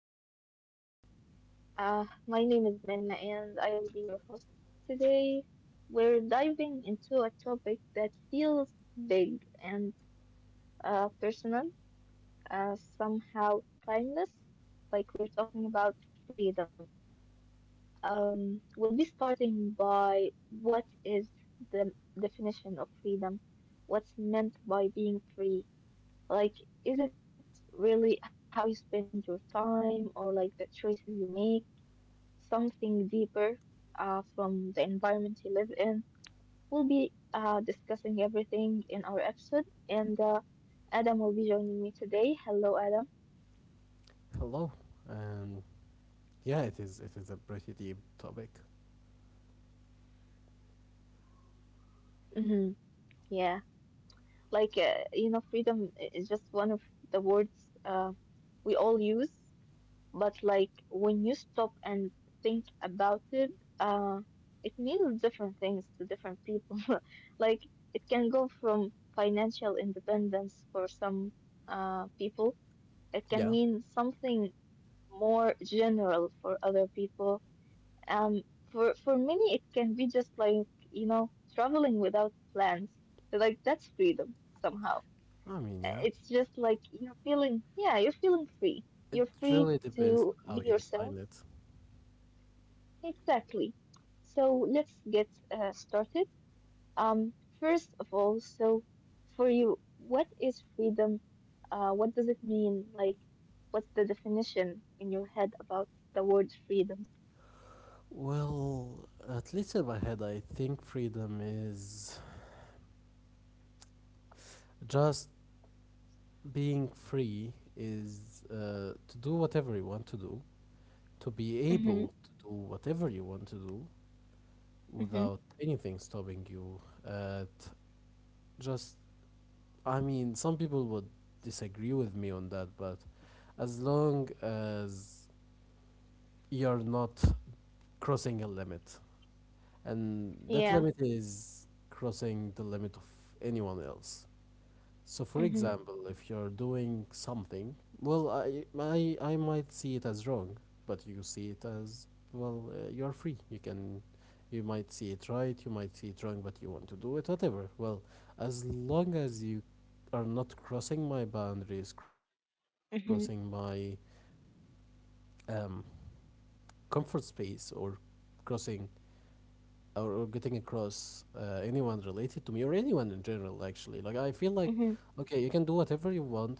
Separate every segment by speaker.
Speaker 1: welcome back to another episode. My name is Minna, and I will be your host today. We're diving into a topic that feels big and personal, somehow timeless, like we're talking about freedom. We'll be starting by what is the definition of freedom? What's meant by being free? Like, is it really how you spend your time or like the choices you make? Something deeper from the environment you live in. We'll be discussing everything in our episode, and Adam will be joining me today. Hello, Adam.
Speaker 2: Hello, and yeah, it is a pretty deep topic.
Speaker 1: Mm-hmm. Yeah, like freedom is just one of the words we all use. But like when you stop and think about it, uh, it means different things to different people. Like it can go from financial independence for some people. It can
Speaker 2: Yeah.
Speaker 1: mean something more general for other people. For many, it can be just like traveling without plans. Like that's freedom somehow.
Speaker 2: I mean, yeah,
Speaker 1: It's just like you're feeling, yeah, you're feeling free.
Speaker 2: it
Speaker 1: You're free
Speaker 2: really depends
Speaker 1: to
Speaker 2: on
Speaker 1: be
Speaker 2: how you
Speaker 1: yourself.
Speaker 2: define it.
Speaker 1: Exactly. So let's get started. Um, First of all, so for you, what is freedom? What does it mean? Like, what's the definition in your head about the word freedom?
Speaker 2: Well, at least in my head, I think freedom is just being free is to do whatever you want to do, to be able
Speaker 1: Mm-hmm.
Speaker 2: to do whatever you want to do
Speaker 1: Mm-hmm.
Speaker 2: without anything stopping you. At just, I mean, some people would disagree with me on that, but as long as you're not crossing a limit. And that
Speaker 1: Yeah.
Speaker 2: limit is crossing the limit of anyone else. So, for
Speaker 1: Mm-hmm.
Speaker 2: example, if you're doing something, well, I might see it as wrong, but you see it as, well, you're free. You might see it right, you might see it wrong, but you want to do it, whatever. Well, as long as you are not crossing my boundaries, crossing my
Speaker 1: Mm-hmm.
Speaker 2: um, comfort space, or crossing or getting across anyone related to me or anyone in general, actually. Like, I feel like,
Speaker 1: Mm-hmm.
Speaker 2: okay, you can do whatever you want,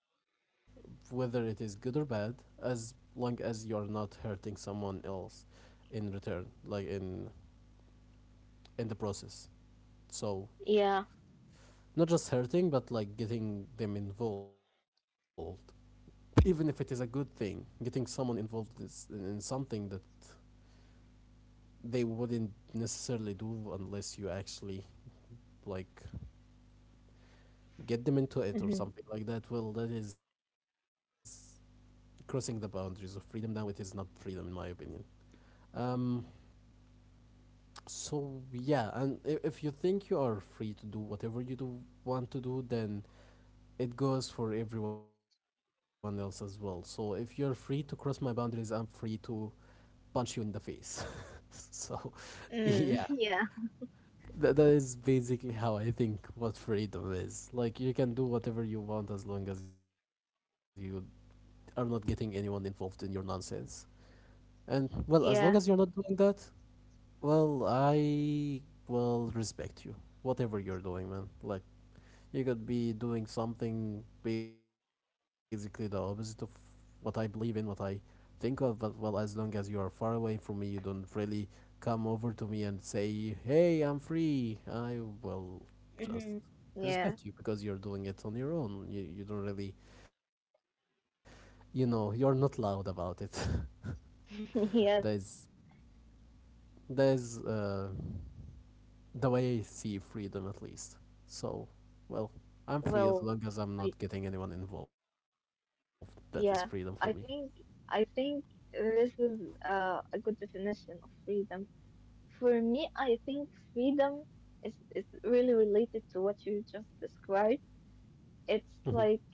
Speaker 2: whether it is good or bad, as long as you are not hurting someone else in return, like in the process. So,
Speaker 1: Yeah.
Speaker 2: not just hurting, but like getting them involved. Even if it is a good thing, getting someone involved is in something that they wouldn't necessarily do unless you actually, like, get them into it or
Speaker 1: Mm-hmm.
Speaker 2: something like that. Well, that is crossing the boundaries of freedom. Now it is not freedom, in my opinion. Um, so yeah, and if you think you are free to do whatever you do want to do, then it goes for everyone else as well. So if you're free to cross my boundaries, I'm free to punch you in the face. So yeah,
Speaker 1: Mm. Yeah.
Speaker 2: that is basically how I think what freedom is. Like, you can do whatever you want as long as you are not getting anyone involved in your nonsense. And well, as long as you're
Speaker 1: Yeah.
Speaker 2: not doing that, well, I will respect you. Whatever you're doing, man. Like, you could be doing something basically the opposite of what I believe in, what I think of, but well, as long as you are far away from me, you don't really come over to me and say, hey, I'm free. I will just
Speaker 1: Mm-hmm.
Speaker 2: respect
Speaker 1: Yeah.
Speaker 2: you because you're doing it on your own. You don't really, you're not loud about it. there's
Speaker 1: Yes.
Speaker 2: there's uh, the way I see freedom, at least. So, well, I'm free as
Speaker 1: Well,
Speaker 2: long as I'm not
Speaker 1: I
Speaker 2: getting anyone involved. That is freedom for me.
Speaker 1: yeah, I think this is a good definition of freedom. For me, I think freedom is really related to what you just described.
Speaker 2: Hmm.
Speaker 1: It's like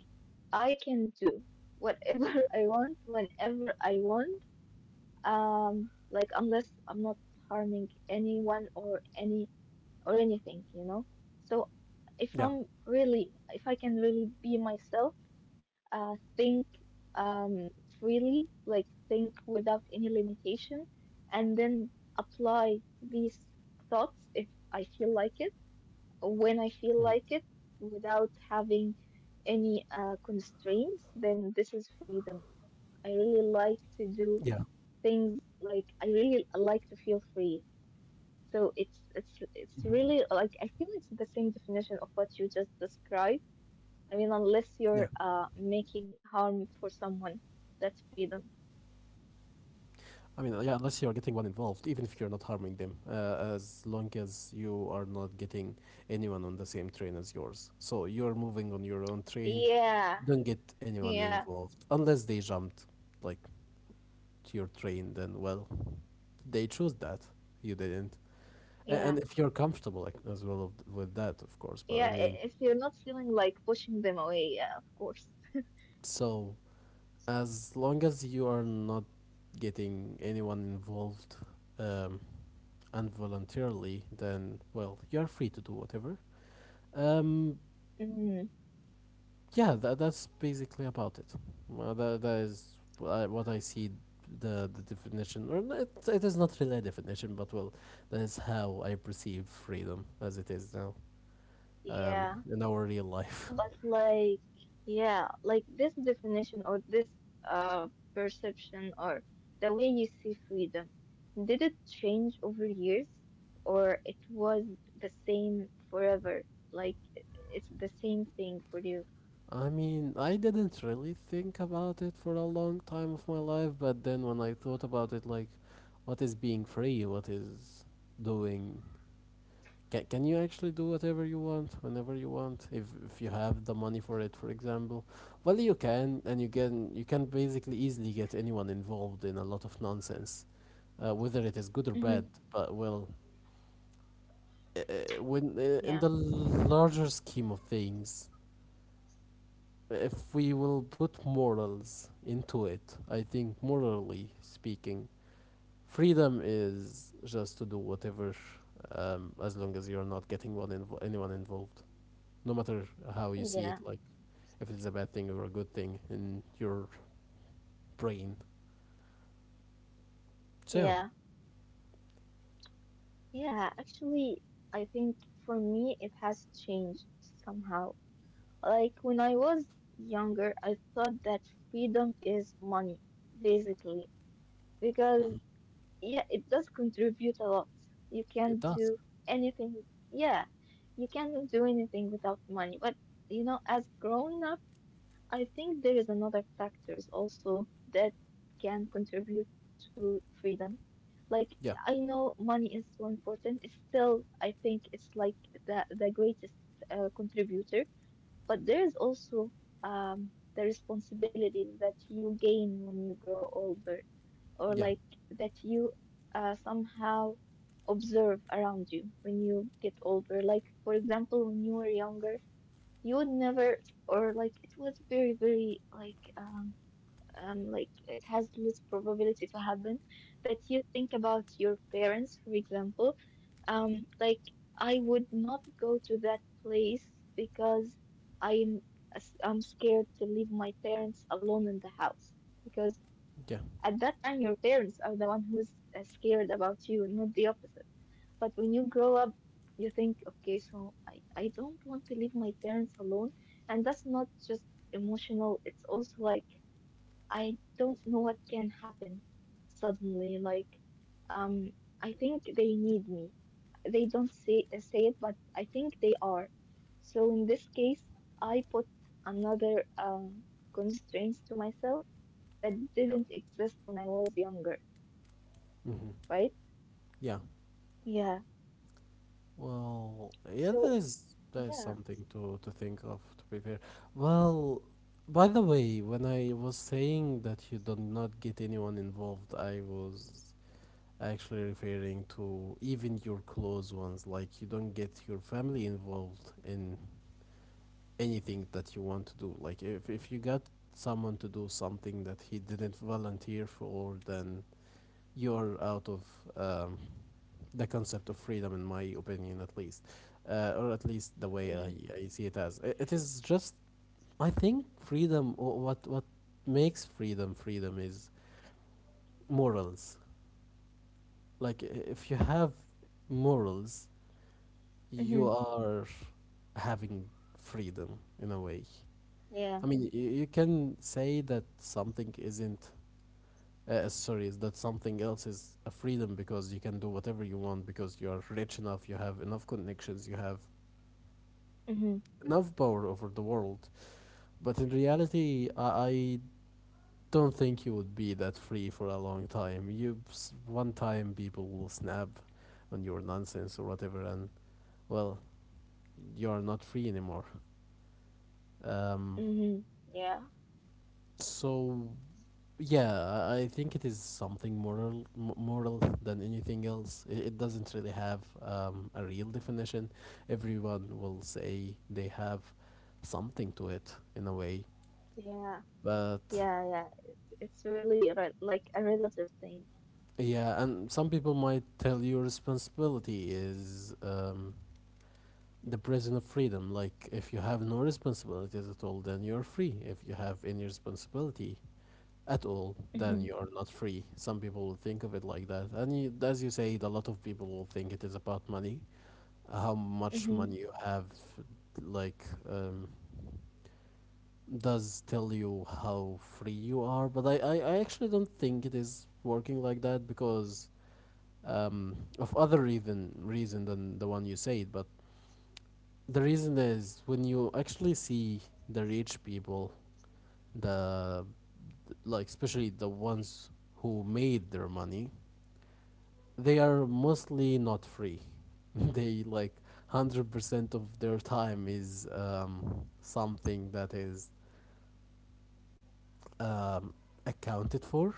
Speaker 1: I can do whatever I want whenever I want. Like, unless I'm not harming anyone or anything, you know.
Speaker 2: Yeah.
Speaker 1: So if I'm really if I can really be myself, think freely, like think without any limitation, and then apply these thoughts if I feel like it,
Speaker 2: Hmm.
Speaker 1: when I feel like it, without having any constraints, then this is freedom. I really
Speaker 2: Yeah.
Speaker 1: like to do things. Like, I really like to feel free. So it's
Speaker 2: Hmm.
Speaker 1: it's really like I feel it's the same definition of what you just described. I mean,
Speaker 2: Yeah.
Speaker 1: unless you're making harm for someone, that's freedom.
Speaker 2: I mean, yeah, unless you are getting one involved, even if you're not harming them, as long as you are not getting anyone on the same train as yours. So you're moving on your own train,
Speaker 1: Yeah,
Speaker 2: don't get anyone
Speaker 1: yeah,
Speaker 2: involved. Unless they jumped, like, to your train, then, well, they chose that. You didn't. And,
Speaker 1: yeah,
Speaker 2: and if you're comfortable, like, as well with that, of course, but
Speaker 1: yeah.
Speaker 2: I mean,
Speaker 1: If you're not feeling like pushing them away, yeah, of course.
Speaker 2: so, as long as you are not getting anyone involved, um, involuntarily, then well, you're free to do whatever. Um,
Speaker 1: Mm,
Speaker 2: yeah, that's basically about it. That is what I see, the definition, or it is not really a definition, but well, that is how I perceive freedom as it is now,
Speaker 1: yeah.
Speaker 2: in our real life.
Speaker 1: But like, yeah, like this definition, or this perception, or the way you see freedom, did it change over years, or it was the same forever? Like, it's the same thing for you.
Speaker 2: I mean, I didn't really think about it for a long time of my life, but then when I thought about it, like, what is being free? What is doing Can you actually do whatever you want whenever you want, if, you have the money for it, for example? Well, you can, and you can basically easily get anyone involved in a lot of nonsense, whether it is good or
Speaker 1: Mm-hmm.
Speaker 2: bad. But well, uh, when, in
Speaker 1: Yeah.
Speaker 2: the larger scheme of things, if we will put morals into it, I think, morally speaking, freedom is just to do whatever, as long as you're not getting one anyone involved, no matter how you see it,
Speaker 1: Yeah.
Speaker 2: like if it's a bad thing or a good thing in your brain. So
Speaker 1: Yeah, yeah, actually, I think for me it has changed somehow. Like, when I was younger, I thought that freedom is money, basically, because, yeah, it does contribute a lot. You
Speaker 2: yeah, it
Speaker 1: can't
Speaker 2: does.
Speaker 1: do anything. Yeah, you can't do anything without money. But, you know, as grown up, I think there is another factors also that can contribute to freedom. Like, I
Speaker 2: Yeah,
Speaker 1: know money is so important. It's still, I think it's like the greatest contributor. But there is also the responsibilities that you gain when you grow older, or
Speaker 2: yeah,
Speaker 1: like that you somehow observe around you when you get older. Like, for example, when you were younger you would never, or like it was very very like it has less probability to happen that you think about your parents, for example. Um, like, I would not go to that place because I'm I'm scared to leave my parents alone in the house, because
Speaker 2: yeah,
Speaker 1: at that time your parents are the one who's scared about you, not the opposite. But when you grow up, you think, okay, so I don't want to leave my parents alone. And that's not just emotional, it's also like I don't know what can happen suddenly. Like, um, I think they need me. They don't say it, but I think they are. So in this case, I put another constraints to myself that
Speaker 2: yeah.
Speaker 1: didn't exist when I was younger,
Speaker 2: Hmm.
Speaker 1: right?
Speaker 2: Yeah.
Speaker 1: Yeah.
Speaker 2: Well, yeah, that
Speaker 1: So,
Speaker 2: is
Speaker 1: yeah.
Speaker 2: something to think of, to be fair. Well, by the way, when I was saying that you do not get anyone involved, I was actually referring to even your close ones. Like, you don't get your family involved in anything that you want to do. Like, if you got someone to do something that he didn't volunteer for, then you're out of, um, the concept of freedom, in my opinion, at least. Or at least the way I,
Speaker 1: Mm-hmm.
Speaker 2: I see it as. It is just, I think freedom. What makes freedom freedom is morals. Like, if you have morals, you are having freedom in a way. I
Speaker 1: Yeah.
Speaker 2: mean, you can say that something isn't, sorry, is that something else is a freedom because you can do whatever you want because you're rich enough, you have enough connections, you have
Speaker 1: Hmm.
Speaker 2: enough power over the world. But in reality, I don't think you would be that free for a long time. One time, people will snap on your nonsense or whatever, and well, you are not free anymore. Um,
Speaker 1: Hmm. Yeah.
Speaker 2: so Yeah, I think it is something moral, moral than anything else. It doesn't really have, a real definition. Everyone will say they have something to it in a way,
Speaker 1: Yeah.
Speaker 2: but
Speaker 1: Yeah. Yeah. It's really re like a relative thing.
Speaker 2: yeah, and some people might tell you responsibility is, the prison of freedom. Like, if you have no responsibilities at all, then you're free. If you have any responsibility at all, then
Speaker 1: Hmm.
Speaker 2: you are not free. Some people will think of it like that. And you, as you said, a lot of people will think it is about money. How much
Speaker 1: Hmm.
Speaker 2: money you have, like, does tell you how free you are. But I actually don't think it is working like that because, of other reason than the one you said. But the reason is, when you actually see the rich people, the like, especially the ones who made their money, they are mostly not free. They, like, 100% of their time is, something that is, um, accounted for,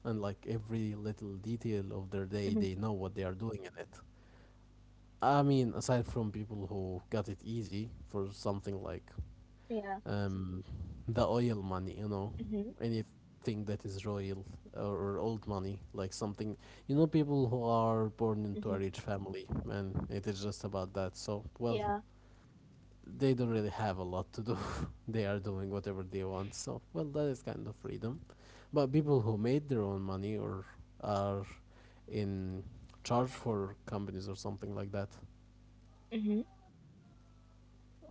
Speaker 2: and like,
Speaker 1: Hmm.
Speaker 2: every little detail of their day, they know what they are doing in it. I mean, aside from people who got it easy for
Speaker 1: Yeah.
Speaker 2: something like, um,
Speaker 1: Hmm.
Speaker 2: the oil money, you know, anything that is royal, or old money, like something, you know, people who
Speaker 1: Hmm.
Speaker 2: are born into a rich family, and it is just about that.
Speaker 1: Yeah.
Speaker 2: So, well, they don't really have a lot to do. They are doing whatever they want. So, well, that is kind of freedom. But people who made their own money or are in charge for companies or something like that.
Speaker 1: Hmm.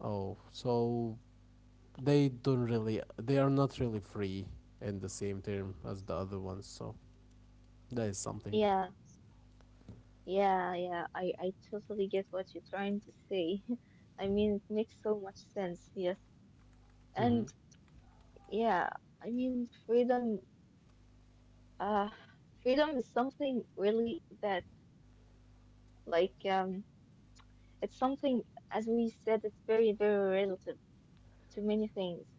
Speaker 2: Oh, so they are not really free in the same term as the other ones. So that is something.
Speaker 1: Yeah. Yeah. Yeah. I totally get what you're trying to say. I mean, it makes so much sense. Yes.
Speaker 2: Hmm.
Speaker 1: And yeah, I mean, freedom. Uh, Freedom is something really that, like, it's something, as we said, it's very very relative to many things: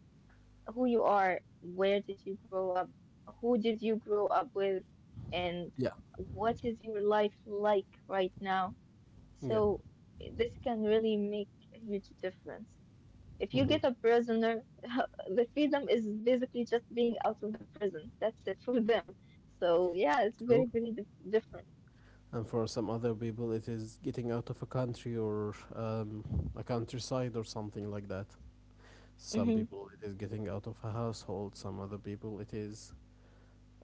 Speaker 1: who you are, where did you grow up, who did you grow up with, and
Speaker 2: Yeah.
Speaker 1: what is your life like right now.
Speaker 2: Yeah.
Speaker 1: So, this can really make a huge difference. If you
Speaker 2: Hmm.
Speaker 1: get a prisoner, the freedom is basically just being out of the prison. That's it for them. So, yeah, it's very,
Speaker 2: True.
Speaker 1: very different.
Speaker 2: And for some other people, it is getting out of a country or, a countryside or something like that. Some
Speaker 1: Hmm.
Speaker 2: people, it is getting out of a household. Some other people, it is,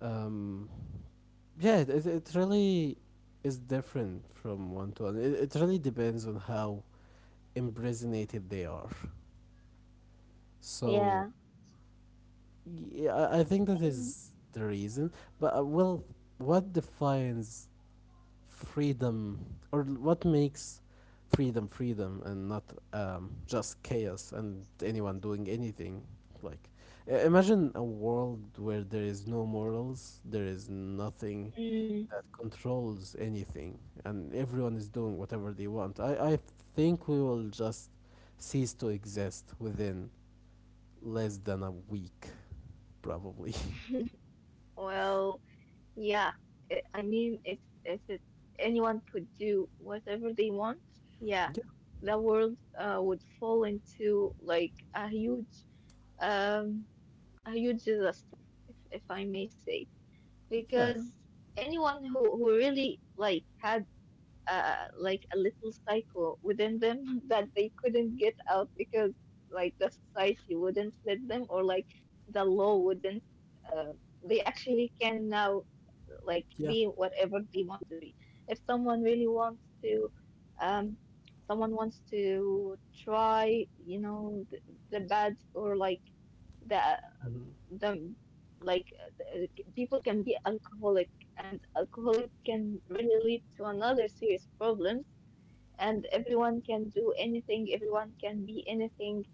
Speaker 2: um, yeah, it really is different from one to one. It really depends on how impregnated they are. So,
Speaker 1: Yeah.
Speaker 2: yeah, I think that
Speaker 1: And,
Speaker 2: is the reason. But, well, what defines freedom, or what makes freedom freedom, and not, just chaos and anyone doing anything? Like, imagine a world where there is no morals, there is nothing
Speaker 1: mm,
Speaker 2: that controls anything, and everyone is doing whatever they want. I think we will just cease to exist within less than a week, probably.
Speaker 1: well, yeah, I mean, if anyone could do whatever they want, yeah, the world would fall into like a huge um disaster, if I may say,
Speaker 2: Yeah,
Speaker 1: because anyone who really like had like a little cycle within them that they couldn't get out because like the society wouldn't let them, or like the law wouldn't, uh, they actually can now like
Speaker 2: yeah.
Speaker 1: be whatever they want to be. If someone really wants to um try, the bad, or like the
Speaker 2: Mhm.
Speaker 1: the like uh, people can be alcoholic, and alcoholic can really lead to another serious problems, and everyone can do anything, everyone can be anything,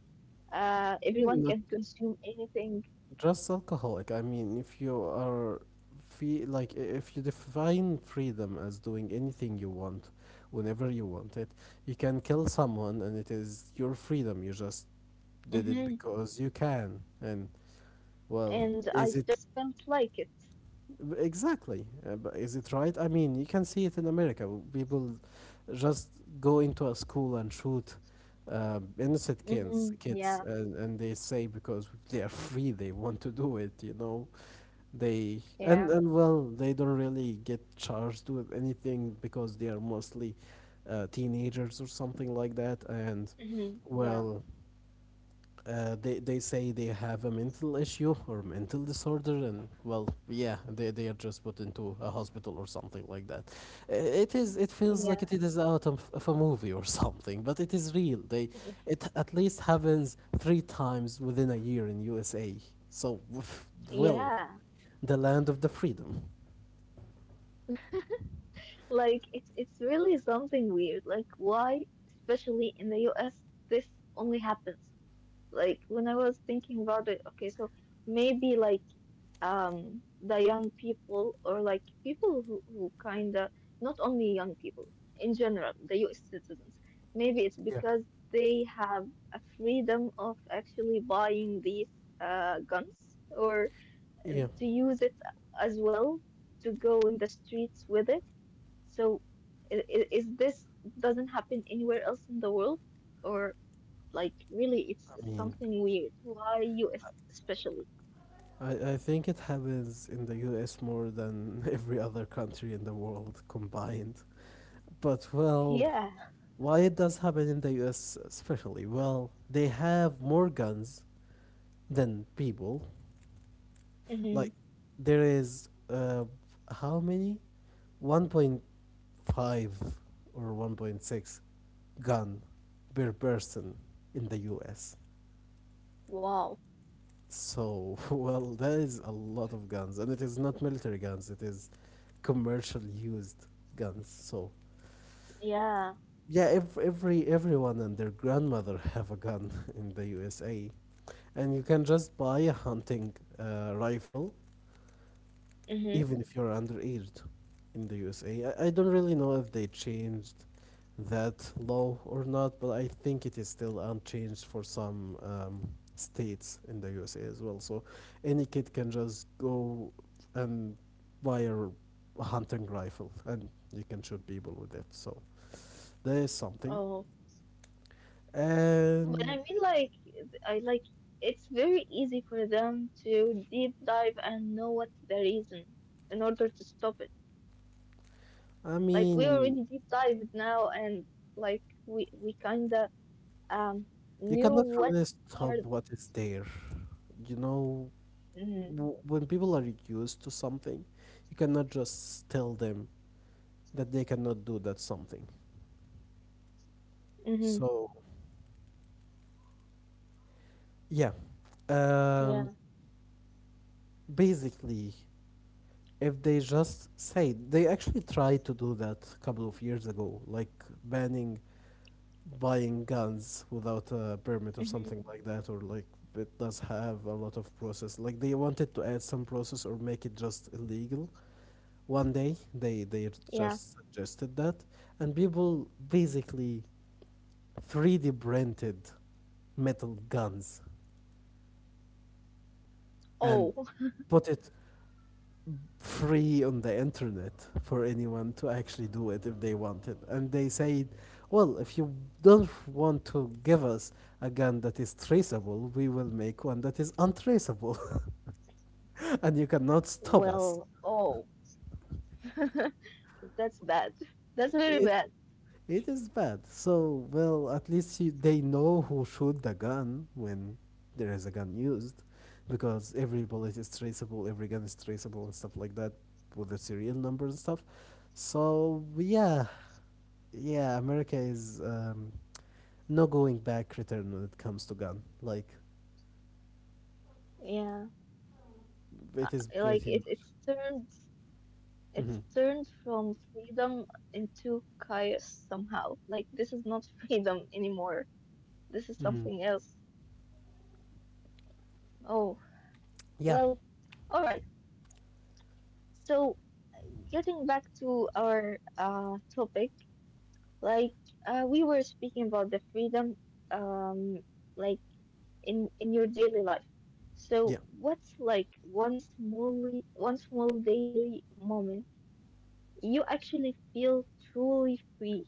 Speaker 2: I mean,
Speaker 1: everyone
Speaker 2: not
Speaker 1: can consume anything.
Speaker 2: just alcoholic. I mean, if you are free, like, if you define freedom as doing anything you want, whenever you want it, you can kill someone, and it is your freedom. You just did it
Speaker 1: Hmm.
Speaker 2: because you can. And well,
Speaker 1: And
Speaker 2: is
Speaker 1: I
Speaker 2: it?
Speaker 1: just felt like it.
Speaker 2: Exactly? But is it right? I mean, you can see it in America. People just go into a school and shoot, innocent kids,
Speaker 1: Hmm.
Speaker 2: kids,
Speaker 1: Yeah.
Speaker 2: and they say because they are free, they want to do it. They
Speaker 1: Yeah.
Speaker 2: and well, they don't really get charged with anything because they are mostly, teenagers or something like that, and
Speaker 1: Hmm. Yeah.
Speaker 2: well, they say they have a mental issue or mental disorder, and well, yeah, they are just put into a hospital or something like that. It feels
Speaker 1: Yeah.
Speaker 2: like it is out of a movie or something, but it is real. They It at least happens three times within a year in USA. So, well,
Speaker 1: Yeah.
Speaker 2: the land of the freedom.
Speaker 1: Like, it's really something weird, like why especially in the US this only happens. Like, when I was thinking about it, okay, so maybe like the young people, or like people who kind of, not only young people, in general, the US citizens, maybe it's because they have a freedom of actually buying these guns, or
Speaker 2: Yeah,
Speaker 1: to use it as well, to go in the streets with it. So is this doesn't happen anywhere else in the world, or? Like, really, it's
Speaker 2: I mean.
Speaker 1: something weird. Why US especially?
Speaker 2: I think it happens in the US more than every other country in the world combined. But well,
Speaker 1: Yeah.
Speaker 2: why it does happen in the US especially? Well, they have more guns than people. Like
Speaker 1: Hmm.
Speaker 2: there is how many? 1.5 or 1.6 gun per person in the US.
Speaker 1: Wow.
Speaker 2: So, well, that is a lot of guns, and it is not military guns, it is commercial used guns. So,
Speaker 1: Yeah.
Speaker 2: yeah, everyone and their grandmother have a gun in the USA. And you can just buy a hunting rifle
Speaker 1: Hmm.
Speaker 2: even if you're underaged in the USA. I don't really know if they changed that law or not, but I think it is still unchanged for some states in the USA as well. So any kid can just go and buy a hunting rifle and you can shoot people with it. So there is something.
Speaker 1: Oh. But I
Speaker 2: And
Speaker 1: mean, like, I like it's very easy for them to deep dive and know what's the reason in order to stop it.
Speaker 2: I
Speaker 1: Like, we
Speaker 2: mean,
Speaker 1: already deep dived now, and like, we kinda um
Speaker 2: you
Speaker 1: knew
Speaker 2: cannot
Speaker 1: what
Speaker 2: really stop
Speaker 1: are.
Speaker 2: what is there, you know,
Speaker 1: Hmm.
Speaker 2: when people are used to something, you cannot just tell them that they cannot do that something.
Speaker 1: Hmm.
Speaker 2: So, yeah, um,
Speaker 1: Yeah.
Speaker 2: basically, if they just say they actually tried to do that a couple of years ago, like banning buying guns without a permit or something like
Speaker 1: Hmm.
Speaker 2: that, or like it does have a lot of process. Like they wanted to add some process or make it just illegal. One day they
Speaker 1: Yeah.
Speaker 2: just suggested that, and people basically 3D printed metal guns and
Speaker 1: Oh.
Speaker 2: put it free on the internet for anyone to actually do it if they wanted. And they said, well, if you don't want to give us a gun that is traceable, we will make one that is untraceable. And you cannot stop us.
Speaker 1: Well, oh. That's bad. That's very
Speaker 2: It
Speaker 1: bad.
Speaker 2: It is bad. So, well, at least you, they know who shoot the gun when there is a gun used, because every bullet is traceable, every gun is traceable, and stuff like that, with the serial numbers and stuff. So, yeah, yeah, America is no going back return when it comes to gun. Like,
Speaker 1: Yeah,
Speaker 2: it is
Speaker 1: like,
Speaker 2: pretty much. Hmm.
Speaker 1: it's turned from freedom into chaos somehow. Like, this is not freedom anymore. This is
Speaker 2: Hmm.
Speaker 1: something else. Oh,
Speaker 2: Yeah,
Speaker 1: well, all right. So, getting back to our topic, like, we were speaking about the freedom, um, like in your daily life.
Speaker 2: yeah.
Speaker 1: So what's like one small daily moment you actually feel truly free,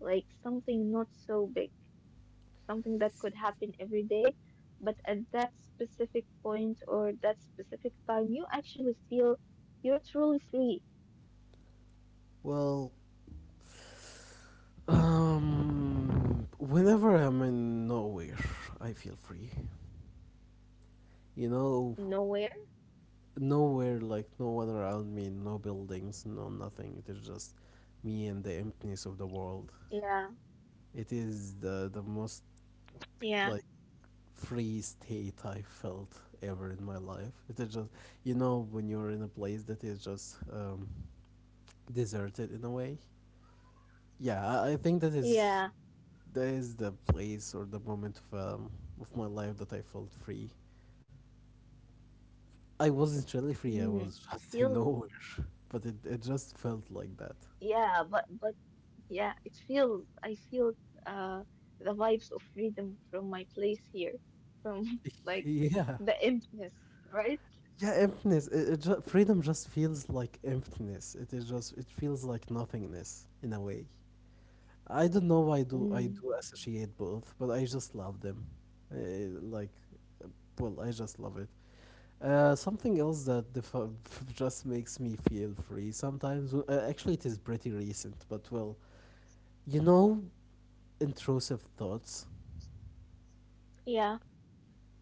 Speaker 1: like something not so big, something that could happen every day, but at that specific point, or that specific time, you actually feel you're truly free.
Speaker 2: Well, whenever I'm in nowhere, I feel free. You know,
Speaker 1: Nowhere.
Speaker 2: nowhere like no one around me, no buildings, no nothing. It is just me and the emptiness of the
Speaker 1: Yeah.
Speaker 2: world. It is the most
Speaker 1: Yeah.
Speaker 2: like free state I felt ever in my life. It is just, you know, when you're in a place that is just deserted in a way. Yeah, I think
Speaker 1: Yeah.
Speaker 2: that is the place or the moment of my life that I felt free. I wasn't really free. I
Speaker 1: Mm. It
Speaker 2: was just in
Speaker 1: feels,
Speaker 2: nowhere, but it just felt like that.
Speaker 1: yeah, yeah, I feel, uh, the vibes of freedom from my place here, from like
Speaker 2: Yeah,
Speaker 1: the emptiness, right?
Speaker 2: yeah, emptiness. It, it freedom just feels like emptiness. It is just it feels like nothingness in a way. I don't know why I do I
Speaker 1: Mm.
Speaker 2: do associate both, but I just love them. Uh, like, uh, well, I just love it. Something else that just makes me feel free sometimes. Actually, it is pretty recent, but well, you know, intrusive thoughts.
Speaker 1: Yeah.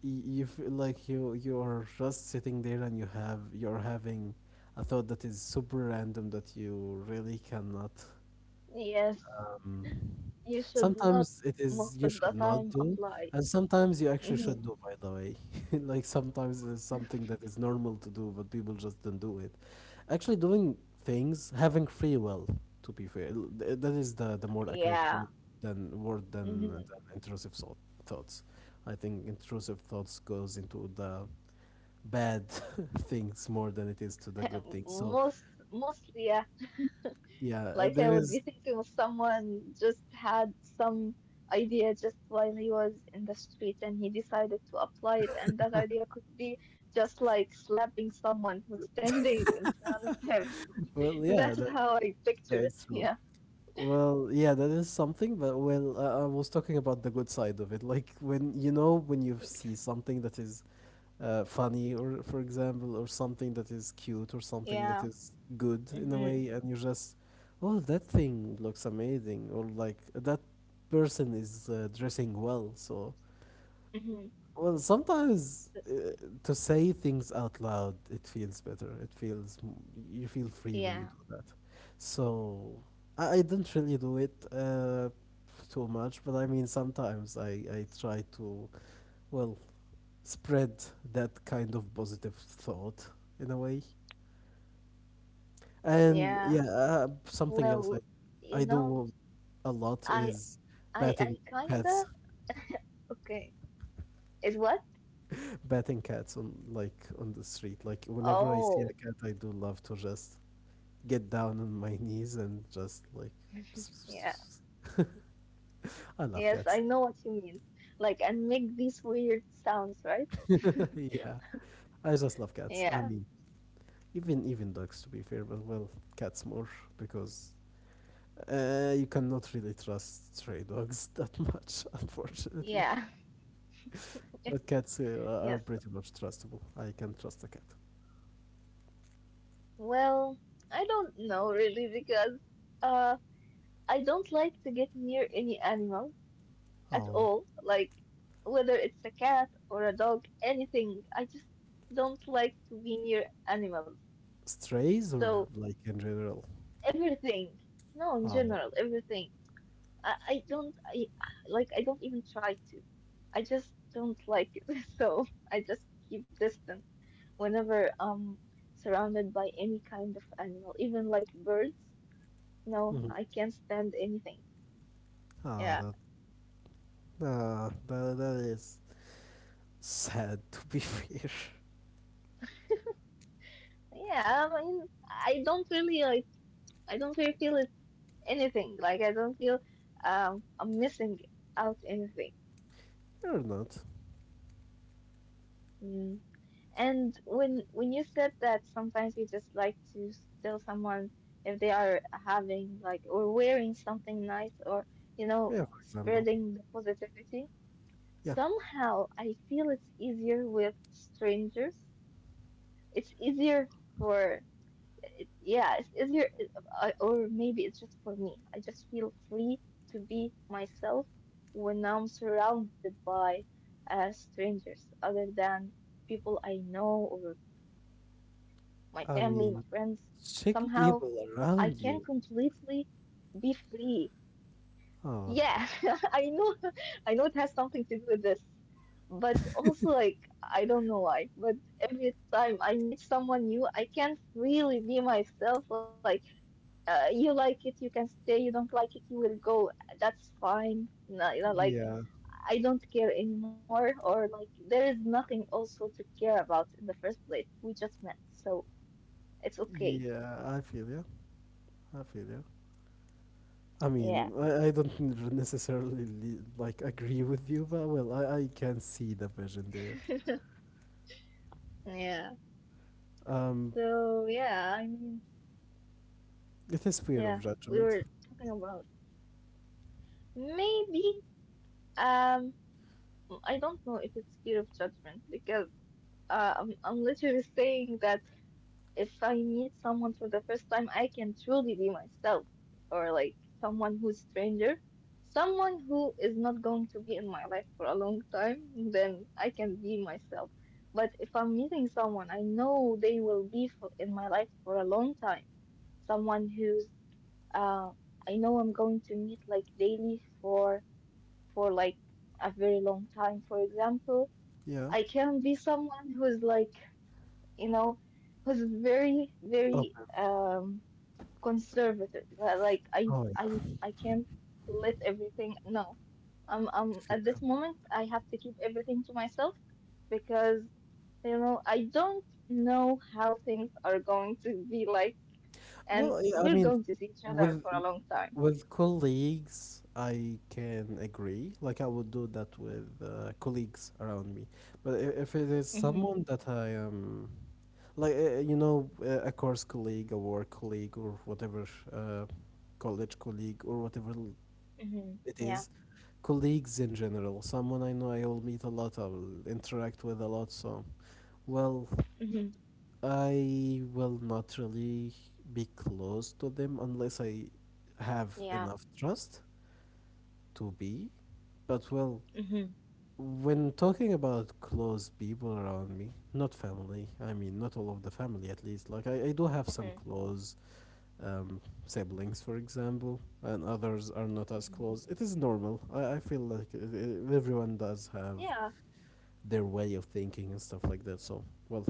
Speaker 2: You feel like you are just sitting there and you're having a thought that is super random that you really cannot
Speaker 1: Yes,
Speaker 2: um,
Speaker 1: you should not
Speaker 2: sometimes it is
Speaker 1: most
Speaker 2: you
Speaker 1: of the
Speaker 2: should not
Speaker 1: time
Speaker 2: do,
Speaker 1: apply.
Speaker 2: and sometimes you actually should
Speaker 1: Mhm.
Speaker 2: do, by the way. Like sometimes it's something that is normal to do, but people just don't do it. Actually, doing things, having free will, to be fair, that is the more accurate
Speaker 1: Yeah.
Speaker 2: word than
Speaker 1: Hmm.
Speaker 2: intrusive thoughts. I think intrusive thoughts goes into the bad things more than it is to the good things. So,
Speaker 1: Most mostly, yeah.
Speaker 2: yeah,
Speaker 1: Like, I
Speaker 2: there
Speaker 1: would be
Speaker 2: is.
Speaker 1: thinking of someone just had some idea just while he was in the street, and he decided to apply it, and that idea could be just like slapping someone who's standing in front of him.
Speaker 2: Well, yeah,
Speaker 1: That's
Speaker 2: that
Speaker 1: how I picture it.
Speaker 2: that's
Speaker 1: Yeah.
Speaker 2: true. Well, yeah, that is something, but well, I was talking about the good side of it. Like when you know when you see something that is funny, or for example, or something that is cute, or something that
Speaker 1: Yeah.
Speaker 2: is good in a
Speaker 1: Hmm.
Speaker 2: way, and you're just, oh, that thing looks amazing, or like that person is dressing well, so
Speaker 1: Hmm.
Speaker 2: well, sometimes to say things out loud, it feels better. It feels you feel free when you
Speaker 1: Yeah.
Speaker 2: do that. So I don't really do it too much, but I mean sometimes I try to well spread that kind of positive thought in a way.
Speaker 1: Yeah.
Speaker 2: And yeah,
Speaker 1: Well,
Speaker 2: something else I
Speaker 1: you know,
Speaker 2: I do a
Speaker 1: I
Speaker 2: lot is
Speaker 1: I
Speaker 2: batting
Speaker 1: kinda
Speaker 2: pets.
Speaker 1: okay. Is what?
Speaker 2: Batting cats on like on the street. Like whenever I see a
Speaker 1: Oh,
Speaker 2: cat, I do love to just get down on my knees and just like.
Speaker 1: yeah.
Speaker 2: I love
Speaker 1: Yes, I
Speaker 2: cats.
Speaker 1: know what you mean. Like, and make these weird sounds, right?
Speaker 2: Yeah, I just love cats. I
Speaker 1: Yeah.
Speaker 2: mean, even dogs to be fair, but well, cats more because you cannot really trust stray dogs that much, unfortunately.
Speaker 1: Yeah.
Speaker 2: But cats are
Speaker 1: Yes.
Speaker 2: pretty much trustable. I can trust a cat.
Speaker 1: Well, I don't know really because uh I don't like to get near any animal at
Speaker 2: Oh,
Speaker 1: all. Like, whether it's a cat or a dog, anything, I just don't like to be near animals.
Speaker 2: strays or
Speaker 1: So,
Speaker 2: like in general?
Speaker 1: everything. No, in
Speaker 2: Oh,
Speaker 1: general, everything. I, I don't I I don't even try to. I just don't like it. So I just keep distant whenever I'm surrounded by any kind of animal, even like birds. No,
Speaker 2: mhm.
Speaker 1: I can't stand anything.
Speaker 2: Ah,
Speaker 1: Yeah.
Speaker 2: that Ah, that is sad to be fair.
Speaker 1: Yeah, I mean, I don't really like, I don't really feel it's anything. Like, I don't feel I'm missing out anything.
Speaker 2: Or not.
Speaker 1: Mm. And when you said that sometimes we just like to steal someone if they are having like or wearing something nice, or, you know,
Speaker 2: Yeah, for example.
Speaker 1: spreading the positivity,
Speaker 2: Yeah,
Speaker 1: somehow I feel it's easier with strangers. It's easier for Yeah, it's easier, or maybe it's just for me. I just feel free to be myself when I'm surrounded by strangers, other than people I know, or my family, my
Speaker 2: I
Speaker 1: friends.
Speaker 2: mean,
Speaker 1: Somehow
Speaker 2: check
Speaker 1: I
Speaker 2: people
Speaker 1: can
Speaker 2: around you.
Speaker 1: completely be free. Yeah,
Speaker 2: Oh,
Speaker 1: I know, I know it has something to do with this, but also like I don't know why, but every time I meet someone new, I can't really be myself. Like, you like it, you can stay. You don't like it, you will go. That's fine. No, you know,
Speaker 2: yeah,
Speaker 1: like I don't care anymore, or like there is nothing also to care about in the first place. We just met, so it's okay.
Speaker 2: yeah, I feel you. I feel you. I mean,
Speaker 1: Yeah.
Speaker 2: I don't necessarily like agree with you, but well, I can see the vision there.
Speaker 1: Yeah.
Speaker 2: Um,
Speaker 1: So yeah, I mean,
Speaker 2: it is fear of
Speaker 1: yeah, we
Speaker 2: judgment.
Speaker 1: were talking about maybe um I don't know if it's fear of judgment because I'm literally saying that if I meet someone for the first time, I can truly be myself, or like someone who's stranger, someone who is not going to be in my life for a long time, then I can be myself. But if I'm meeting someone I know they will be for, in my life for a long time, someone who's uh, I know I'm going to meet like daily for like a very long time, for example.
Speaker 2: Yeah.
Speaker 1: I can be someone who's like, you know, who's very, very
Speaker 2: Open.
Speaker 1: um conservative. li- Like I
Speaker 2: Oh
Speaker 1: I
Speaker 2: yeah.
Speaker 1: I can't let everything no.
Speaker 2: Feel
Speaker 1: At this
Speaker 2: you.
Speaker 1: moment I have to keep everything to myself because you know I don't know how things are going to be like and
Speaker 2: Well, yeah, I
Speaker 1: we're
Speaker 2: mean,
Speaker 1: going to see each other
Speaker 2: with
Speaker 1: for a long time.
Speaker 2: with colleagues, I can agree. Like I would do that with colleagues around me. But if it is
Speaker 1: Mm-hmm.
Speaker 2: someone that I am, like you know, a course colleague, a work colleague, or whatever, uh, college colleague, or whatever
Speaker 1: hmm
Speaker 2: it
Speaker 1: Yeah,
Speaker 2: is, colleagues in general, someone I know I will meet a lot, I will interact with a lot. So, well,
Speaker 1: hmm
Speaker 2: I will not really be close to them unless I have
Speaker 1: yeah,
Speaker 2: enough trust to be. But well,
Speaker 1: Mm-hmm.
Speaker 2: when talking about close people around me, not family, I mean, not all of the family at least, like I do have some
Speaker 1: hmm
Speaker 2: close siblings, for example, and others are not as
Speaker 1: hmm
Speaker 2: close. It is normal. I feel like everyone does have
Speaker 1: yeah,
Speaker 2: their way of thinking and stuff like that. So, well,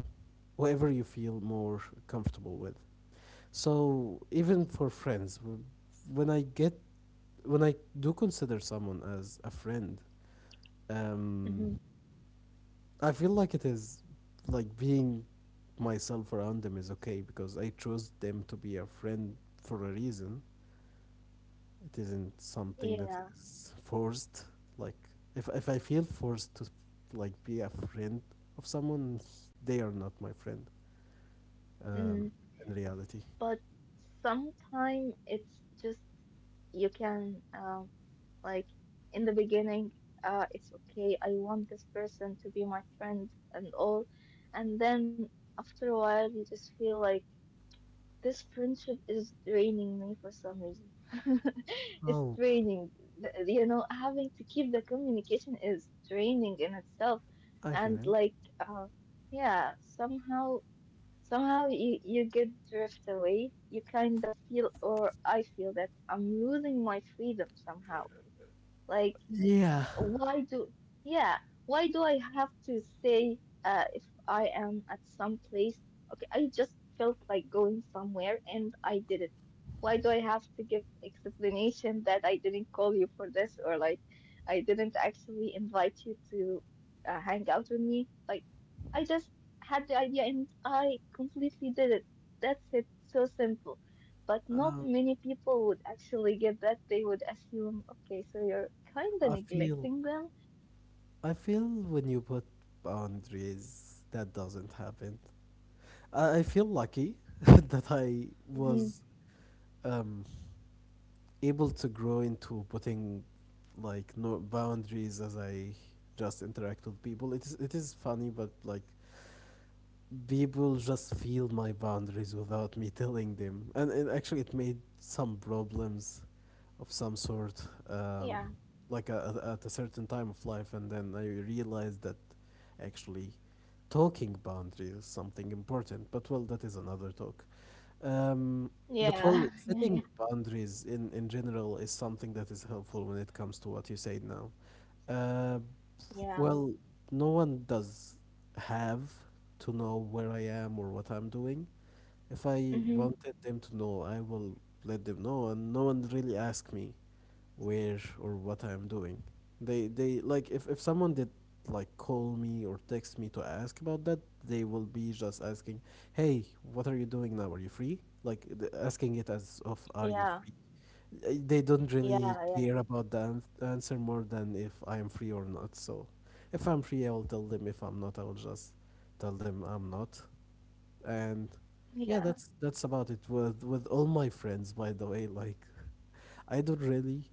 Speaker 2: whatever you feel more comfortable with. So, even for friends, when I get when I do consider someone as a friend,
Speaker 1: hmm
Speaker 2: um, I feel like it is like being myself around them is okay because I chose them to be a friend for a reason. It isn't something that
Speaker 1: yeah.
Speaker 2: is forced. Like if I feel forced to like be a friend of someone, they are not my friend. Um,
Speaker 1: Mm.
Speaker 2: in reality.
Speaker 1: But sometime it's just you can like in the beginning, it's okay. I want this person to be my friend and all, and then after a while you just feel like. This friendship is draining me for some reason. It's
Speaker 2: Oh,
Speaker 1: draining. You know, having to keep the communication is draining in itself.
Speaker 2: I feel
Speaker 1: And
Speaker 2: it.
Speaker 1: like, yeah, somehow, you get drift away. You kind of feel, or I feel that I'm losing my freedom somehow. Like,
Speaker 2: Yeah.
Speaker 1: why do yeah why do I have to say if I am at some place, okay I just felt like going somewhere and I did it, why do I have to give explanation that I didn't call you for this or like I didn't actually invite you to hang out with me, like I just had the idea and I completely did it, that's it, so simple. But not
Speaker 2: Um,
Speaker 1: many people would actually get that. They would assume, okay, so you're kind of
Speaker 2: I feel.
Speaker 1: neglecting them.
Speaker 2: I feel when you put boundaries, that doesn't happen. I feel lucky that I was
Speaker 1: Hmm
Speaker 2: um, able to grow into putting like no boundaries as I just interact with people. It is funny, but like people just feel my boundaries without me telling them and it actually it made some problems of some sort, um,
Speaker 1: Yeah,
Speaker 2: like at a certain time of life, and then I realized that actually talking boundaries is something important, but well, that is another talk. um, but
Speaker 1: yeah,
Speaker 2: well,
Speaker 1: yeah, yeah,
Speaker 2: setting boundaries in general is something that is helpful when it comes to what you say now. uh,
Speaker 1: yeah,
Speaker 2: well, no one does have to know where I am or what I'm doing. If I
Speaker 1: hmm
Speaker 2: wanted them to know, I will let them know, and no one really asked me where or what I am doing. They like if someone did like call me or text me to ask about that, they will be just asking, "Hey, what are you doing now? Are you free?" Like asking it as of, "Are you
Speaker 1: yeah,
Speaker 2: free?" They don't really
Speaker 1: yeah, yeah,
Speaker 2: care about the answer more than if I am free or not. So, if I'm free, I will tell them. If I'm not, I will just tell them I'm not. And yeah,
Speaker 1: yeah,
Speaker 2: that's about it with all my friends. By the way, like I don't really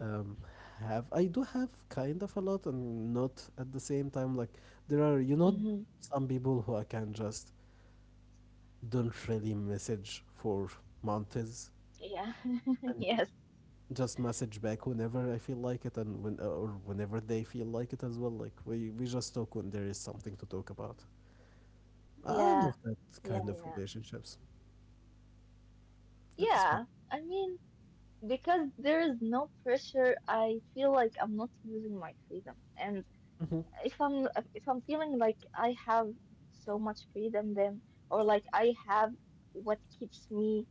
Speaker 2: um, have I do have kind of a lot and not at the same time. Like there are, you know,
Speaker 1: hmm
Speaker 2: some people who I can just don't really message for months
Speaker 1: yeah,
Speaker 2: and
Speaker 1: yes,
Speaker 2: just message back whenever I feel like it and when or whenever they feel like it as well. Like we just talk when there is something to talk about. I
Speaker 1: yeah,
Speaker 2: love that kind
Speaker 1: yeah,
Speaker 2: of
Speaker 1: yeah,
Speaker 2: relationships. That is fun.
Speaker 1: yeah. I mean, because there is no pressure, I feel like I'm not losing my freedom, and
Speaker 2: Hmm.
Speaker 1: if I'm if I'm feeling like I have so much freedom then or like I have what keeps me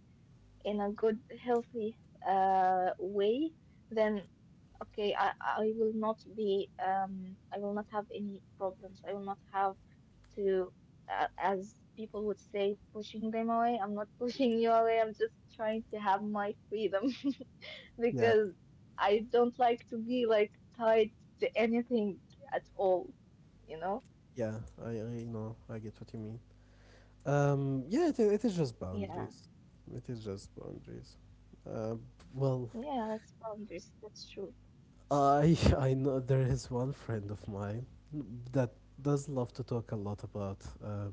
Speaker 1: in a good healthy way then okay I will not be, I will not have any problems, I will not have to, as people would say pushing them away, I'm not pushing you away, I'm just trying to have my freedom.
Speaker 2: Yeah,
Speaker 1: Because I don't like to be like tied to anything at all, you know?
Speaker 2: yeah. I know. I get what you mean. Yeah, it is
Speaker 1: Yeah.
Speaker 2: just boundaries. It is just boundaries. Uh,
Speaker 1: Yeah,
Speaker 2: well,
Speaker 1: that's boundaries. That's true.
Speaker 2: I I know there is one friend of mine that does love to talk a lot about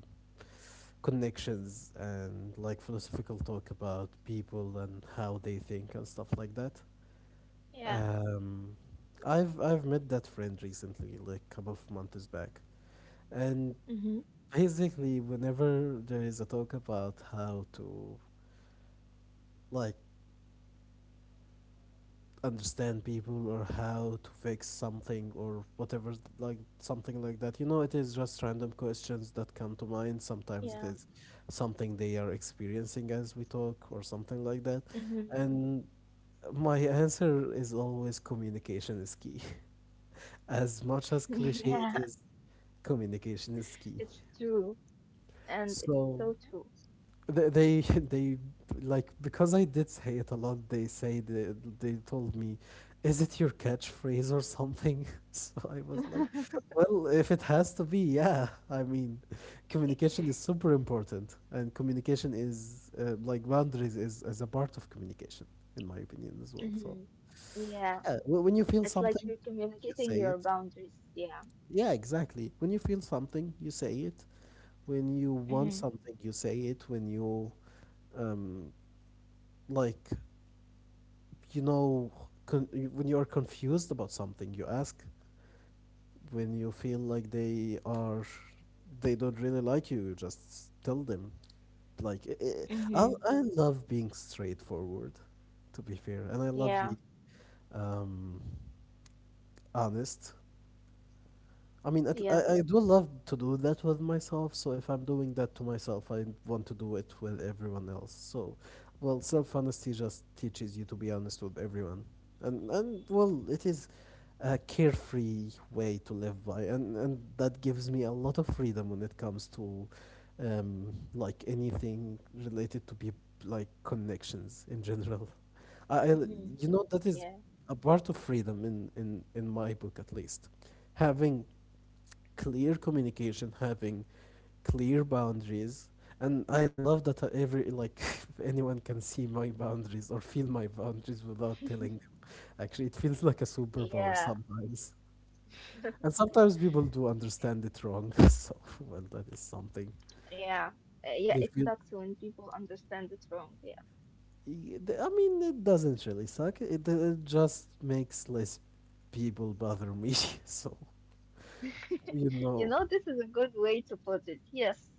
Speaker 2: connections and like philosophical talk about people and how they think and stuff like that.
Speaker 1: Yeah.
Speaker 2: Um, I've met that friend recently, like a couple of months back, and
Speaker 1: Mm-hmm.
Speaker 2: basically whenever there is a talk about how to like understand people or how to fix something or whatever, like something like that. You know, it is just random questions that come to mind. Sometimes it
Speaker 1: Yeah.
Speaker 2: is something they are experiencing as we talk or something like that,
Speaker 1: Mm-hmm.
Speaker 2: and my answer is always communication is key, as much as cliche it
Speaker 1: Yeah,
Speaker 2: is. Communication is key.
Speaker 1: it's true. And it's
Speaker 2: So
Speaker 1: so true.
Speaker 2: they, they, like, because I did say it a lot, they say, they told me, "Is it your catchphrase or something?" So I was like, "Well, if it has to be, yeah. I mean, communication is super important, and communication is, like, boundaries is a part of communication, in my opinion as well." So
Speaker 1: Mm-hmm. Yeah.
Speaker 2: yeah, when you feel
Speaker 1: It's like
Speaker 2: something,
Speaker 1: you're
Speaker 2: you
Speaker 1: communicating
Speaker 2: say
Speaker 1: your
Speaker 2: it.
Speaker 1: boundaries. Yeah.
Speaker 2: Yeah, exactly. When you feel something, you say it. When you want
Speaker 1: Mm-hmm.
Speaker 2: something, you say it. When you, um, like, you know when you are confused about something, you ask. When you feel like they are they don't really like you just tell them. Like,
Speaker 1: Mm-hmm.
Speaker 2: I love being straightforward, to be fair, and I love
Speaker 1: Yeah.
Speaker 2: being um honest. I mean,
Speaker 1: Yes.
Speaker 2: I do love to do that with myself. So if I'm doing that to myself, I want to do it with everyone else. So, well, self honesty just teaches you to be honest with everyone, and well, it is a carefree way to live by, and that gives me a lot of freedom when it comes to, like, anything related to be like connections in general. I, I l-
Speaker 1: Mm-hmm.
Speaker 2: you know, that is
Speaker 1: Yeah.
Speaker 2: a part of freedom, in my book at least, having clear communication, having clear boundaries. And I love that, every, like, anyone can see my boundaries or feel my boundaries without telling them. Actually, it feels like a superpower
Speaker 1: Yeah.
Speaker 2: sometimes. And sometimes people do understand it wrong. So, well, that is something.
Speaker 1: Yeah. Yeah,
Speaker 2: They
Speaker 1: it
Speaker 2: feel
Speaker 1: sucks when people understand it wrong. Yeah.
Speaker 2: I mean, it doesn't really suck. It, it just makes less people bother me. So, you
Speaker 1: You
Speaker 2: know.
Speaker 1: know, this is a good way to put it. Yes.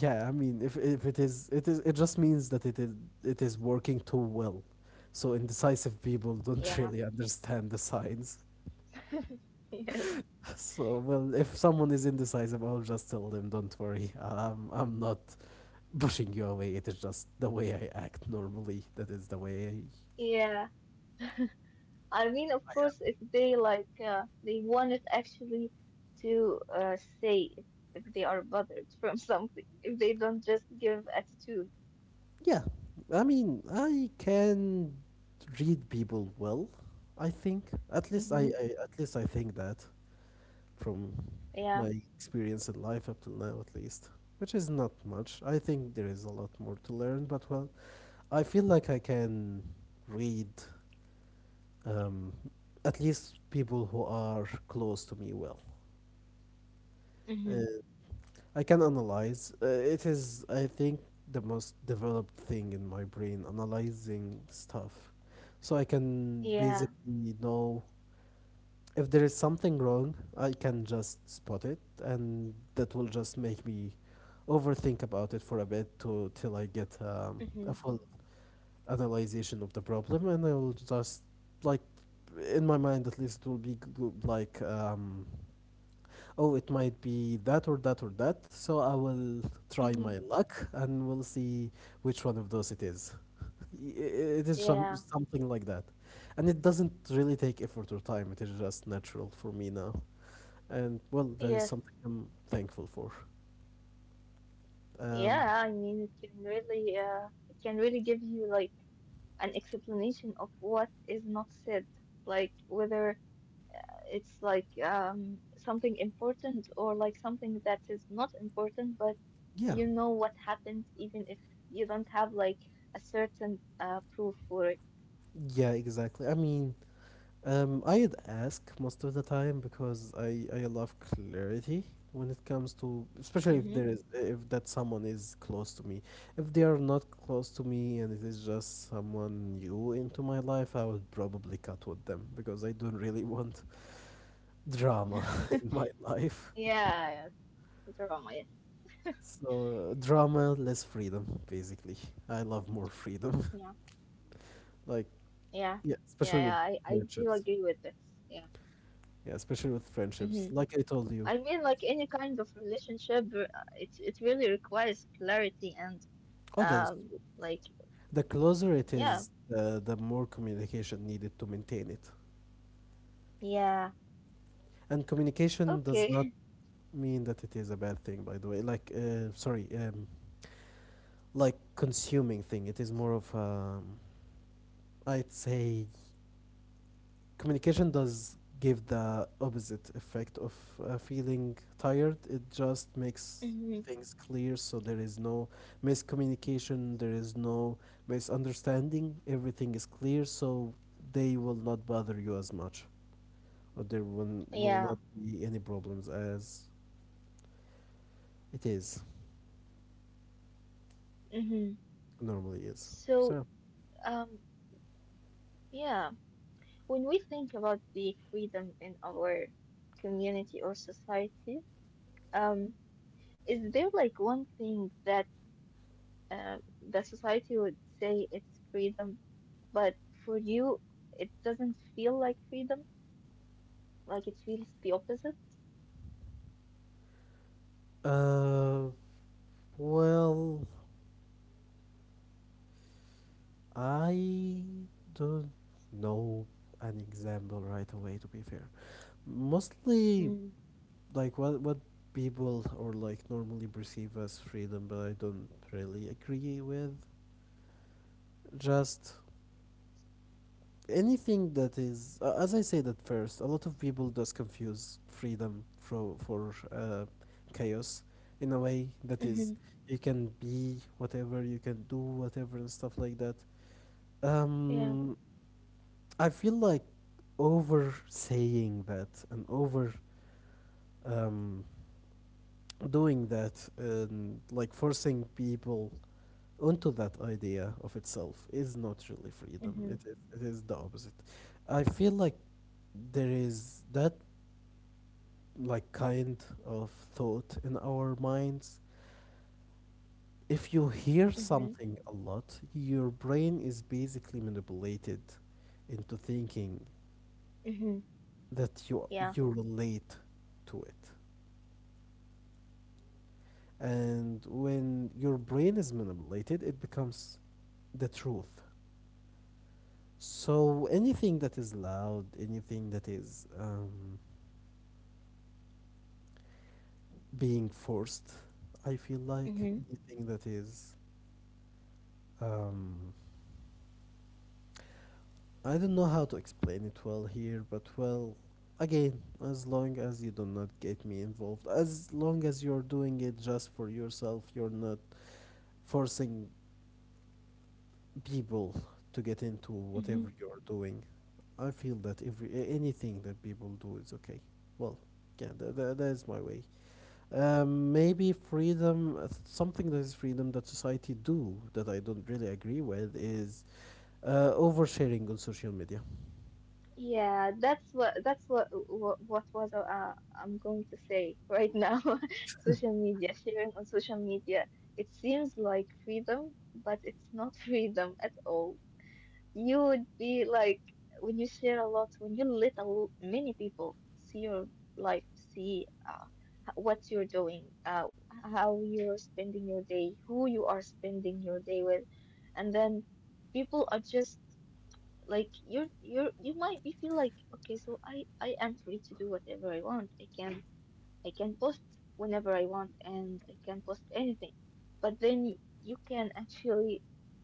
Speaker 2: Yeah, I mean, if it is, it is, it just means that it is, it is working too well. So indecisive people don't
Speaker 1: Yeah.
Speaker 2: really understand the signs.
Speaker 1: Yes.
Speaker 2: So well, if someone is indecisive, I'll just tell them, don't worry, I'm not pushing you away. It is just the way I act normally. That is the way
Speaker 1: Yeah. I mean, of
Speaker 2: I
Speaker 1: course,
Speaker 2: am.
Speaker 1: if they like they wanted actually to say if they are bothered from something, if they don't just give attitude.
Speaker 2: Yeah, I mean, I can read people well. I think, at least
Speaker 1: Mm-hmm.
Speaker 2: I, at least I think that, from
Speaker 1: Yeah.
Speaker 2: my experience in life up till now at least, which is not much. I think there is a lot more to learn, but well, I feel like I can read, um, at least people who are close to me, well. And
Speaker 1: Mm-hmm.
Speaker 2: I can analyze, it is, I think, the most developed thing in my brain, analyzing stuff. So I can
Speaker 1: Yeah.
Speaker 2: basically know if there is something wrong. I can just spot it, and that will just make me overthink about it for a bit, to till I get
Speaker 1: Mm-hmm.
Speaker 2: a full analyzation of the problem, and I will just, like, in my mind at least, it will be like, oh, it might be that or that or that. So I will try my
Speaker 1: Mm-hmm.
Speaker 2: luck and we'll see which one of those it is. I- It is
Speaker 1: Yeah.
Speaker 2: something like that, and it doesn't really take effort or time. It is just natural for me now. And well, that is
Speaker 1: Yes.
Speaker 2: something I'm thankful for. Um,
Speaker 1: Yeah. I mean, it can really give you like an explanation of what is not said, like whether it's like something important or like something that is not important, but
Speaker 2: yeah,
Speaker 1: you know what happened, even if you don't have like a certain proof for it.
Speaker 2: yeah, exactly. I mean, I'd ask most of the time because I love clarity when it comes to, especially if
Speaker 1: Mm-hmm.
Speaker 2: there is, if that someone is close to me. If they are not close to me and it is just someone new into my life, I would probably cut with them because I don't really want drama in my life.
Speaker 1: Yeah, yeah, drama, yes.
Speaker 2: So drama, less freedom, basically. I love more freedom.
Speaker 1: Yeah.
Speaker 2: Like,
Speaker 1: Yeah, yeah,
Speaker 2: yeah,
Speaker 1: yeah. I,
Speaker 2: especially
Speaker 1: I
Speaker 2: with
Speaker 1: do agree with
Speaker 2: friendships.
Speaker 1: this. Yeah.
Speaker 2: Yeah, especially with
Speaker 1: Mm-hmm.
Speaker 2: friendships. Like I told
Speaker 1: I
Speaker 2: you,
Speaker 1: mean, like any kind of relationship, it it really requires clarity and
Speaker 2: oh, that is
Speaker 1: um,
Speaker 2: true.
Speaker 1: like
Speaker 2: The closer it
Speaker 1: yeah,
Speaker 2: is, the more communication needed to maintain it.
Speaker 1: yeah.
Speaker 2: And communication does
Speaker 1: Okay.
Speaker 2: not mean that it is a bad thing, by the way. Like, sorry, like, consuming thing. It is more of, I'd say, communication does give the opposite effect of feeling tired. It just makes
Speaker 1: Mm-hmm.
Speaker 2: things clear, so there is no miscommunication, there is no misunderstanding. Everything is clear, so they will not bother you as much, or there will not
Speaker 1: Yeah.
Speaker 2: be any problems as it is
Speaker 1: Mm-hmm.
Speaker 2: normally is.
Speaker 1: So
Speaker 2: So,
Speaker 1: um, yeah, when we think about the freedom in our community or society, um, is there like one thing that the society would say it's freedom, but for you it doesn't feel like freedom, like it feels the opposite?
Speaker 2: uh, well, I don't know an example right away, to be fair. Mostly,
Speaker 1: Mm-hmm.
Speaker 2: like, what people, or, like, normally perceive as freedom but I don't really agree with, just anything that is, as I said at first, a lot of people does confuse freedom for, chaos, in a way that is, you can be whatever, you can do whatever, and stuff like that.
Speaker 1: Yeah.
Speaker 2: um I feel like over saying that, and over, um doing that, and, like, forcing people onto that idea, of itself, is not really freedom.
Speaker 1: Mm-hmm.
Speaker 2: It is the opposite. I feel like there is that, like, kind of thought in our minds. If you hear
Speaker 1: Mm-hmm.
Speaker 2: something a lot, your brain is basically manipulated into thinking
Speaker 1: Mm-hmm.
Speaker 2: that
Speaker 1: Yeah.
Speaker 2: you relate to it. And when your brain is manipulated, it becomes the truth. So anything that is loud, anything that is, being forced, I feel like
Speaker 1: Mm-hmm.
Speaker 2: anything that is, um, I don't know how to explain it well here, but well, again, as long as you do not get me involved, as long as you're doing it just for yourself, you're not forcing people to get into whatever you're doing. I feel that every, anything that people do is okay. Well, yeah, that is my way. Maybe freedom, something that is freedom that society do that I don't really agree with is oversharing on social media.
Speaker 1: Yeah, that's what what was I'm going to say right now. Social media, sharing on social media, it seems like freedom, but it's not freedom at all. You would be like when you share a lot, when you let a l many people see your life, see h- what you're doing, how you're spending your day, who you are spending your day with, and then people are just like you're you might be feel like okay so i am free to do whatever I want, i can post whenever I want and I can post anything, but then you can actually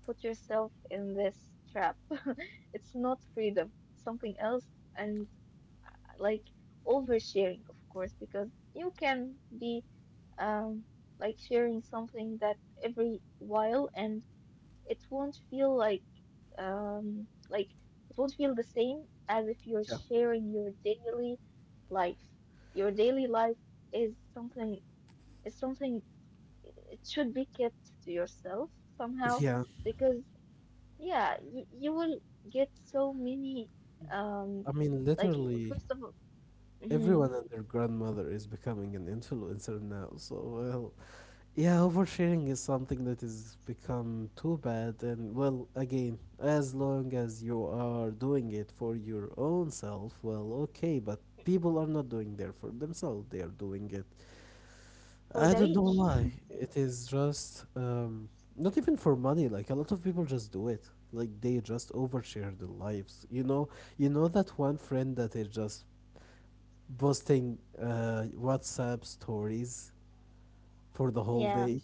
Speaker 1: put yourself in this trap. It's not freedom, it's something else. And like oversharing, of course, because you can be um like sharing something that every while and it won't feel like it won't feel the same as if you're
Speaker 2: Yeah.
Speaker 1: sharing your daily life. Your daily life is something it should be kept to yourself somehow
Speaker 2: Yeah.
Speaker 1: because yeah, y you will get so many um
Speaker 2: I mean,
Speaker 1: like
Speaker 2: literally,
Speaker 1: first of all mhm,
Speaker 2: everyone and their grandmother is becoming an influencer now. So, well, yeah, oversharing is something that has become too bad. And, well, again, as long as you are doing it for your own self, well, okay, but people are not doing that for themselves. They are doing it,
Speaker 1: for
Speaker 2: I
Speaker 1: the
Speaker 2: don't know
Speaker 1: rich.
Speaker 2: why. It is just, not even for money. Like, a lot of people just do it. Like, they just overshare their lives. You know that one friend that is just posting, WhatsApp stories for the whole
Speaker 1: Yeah.
Speaker 2: day.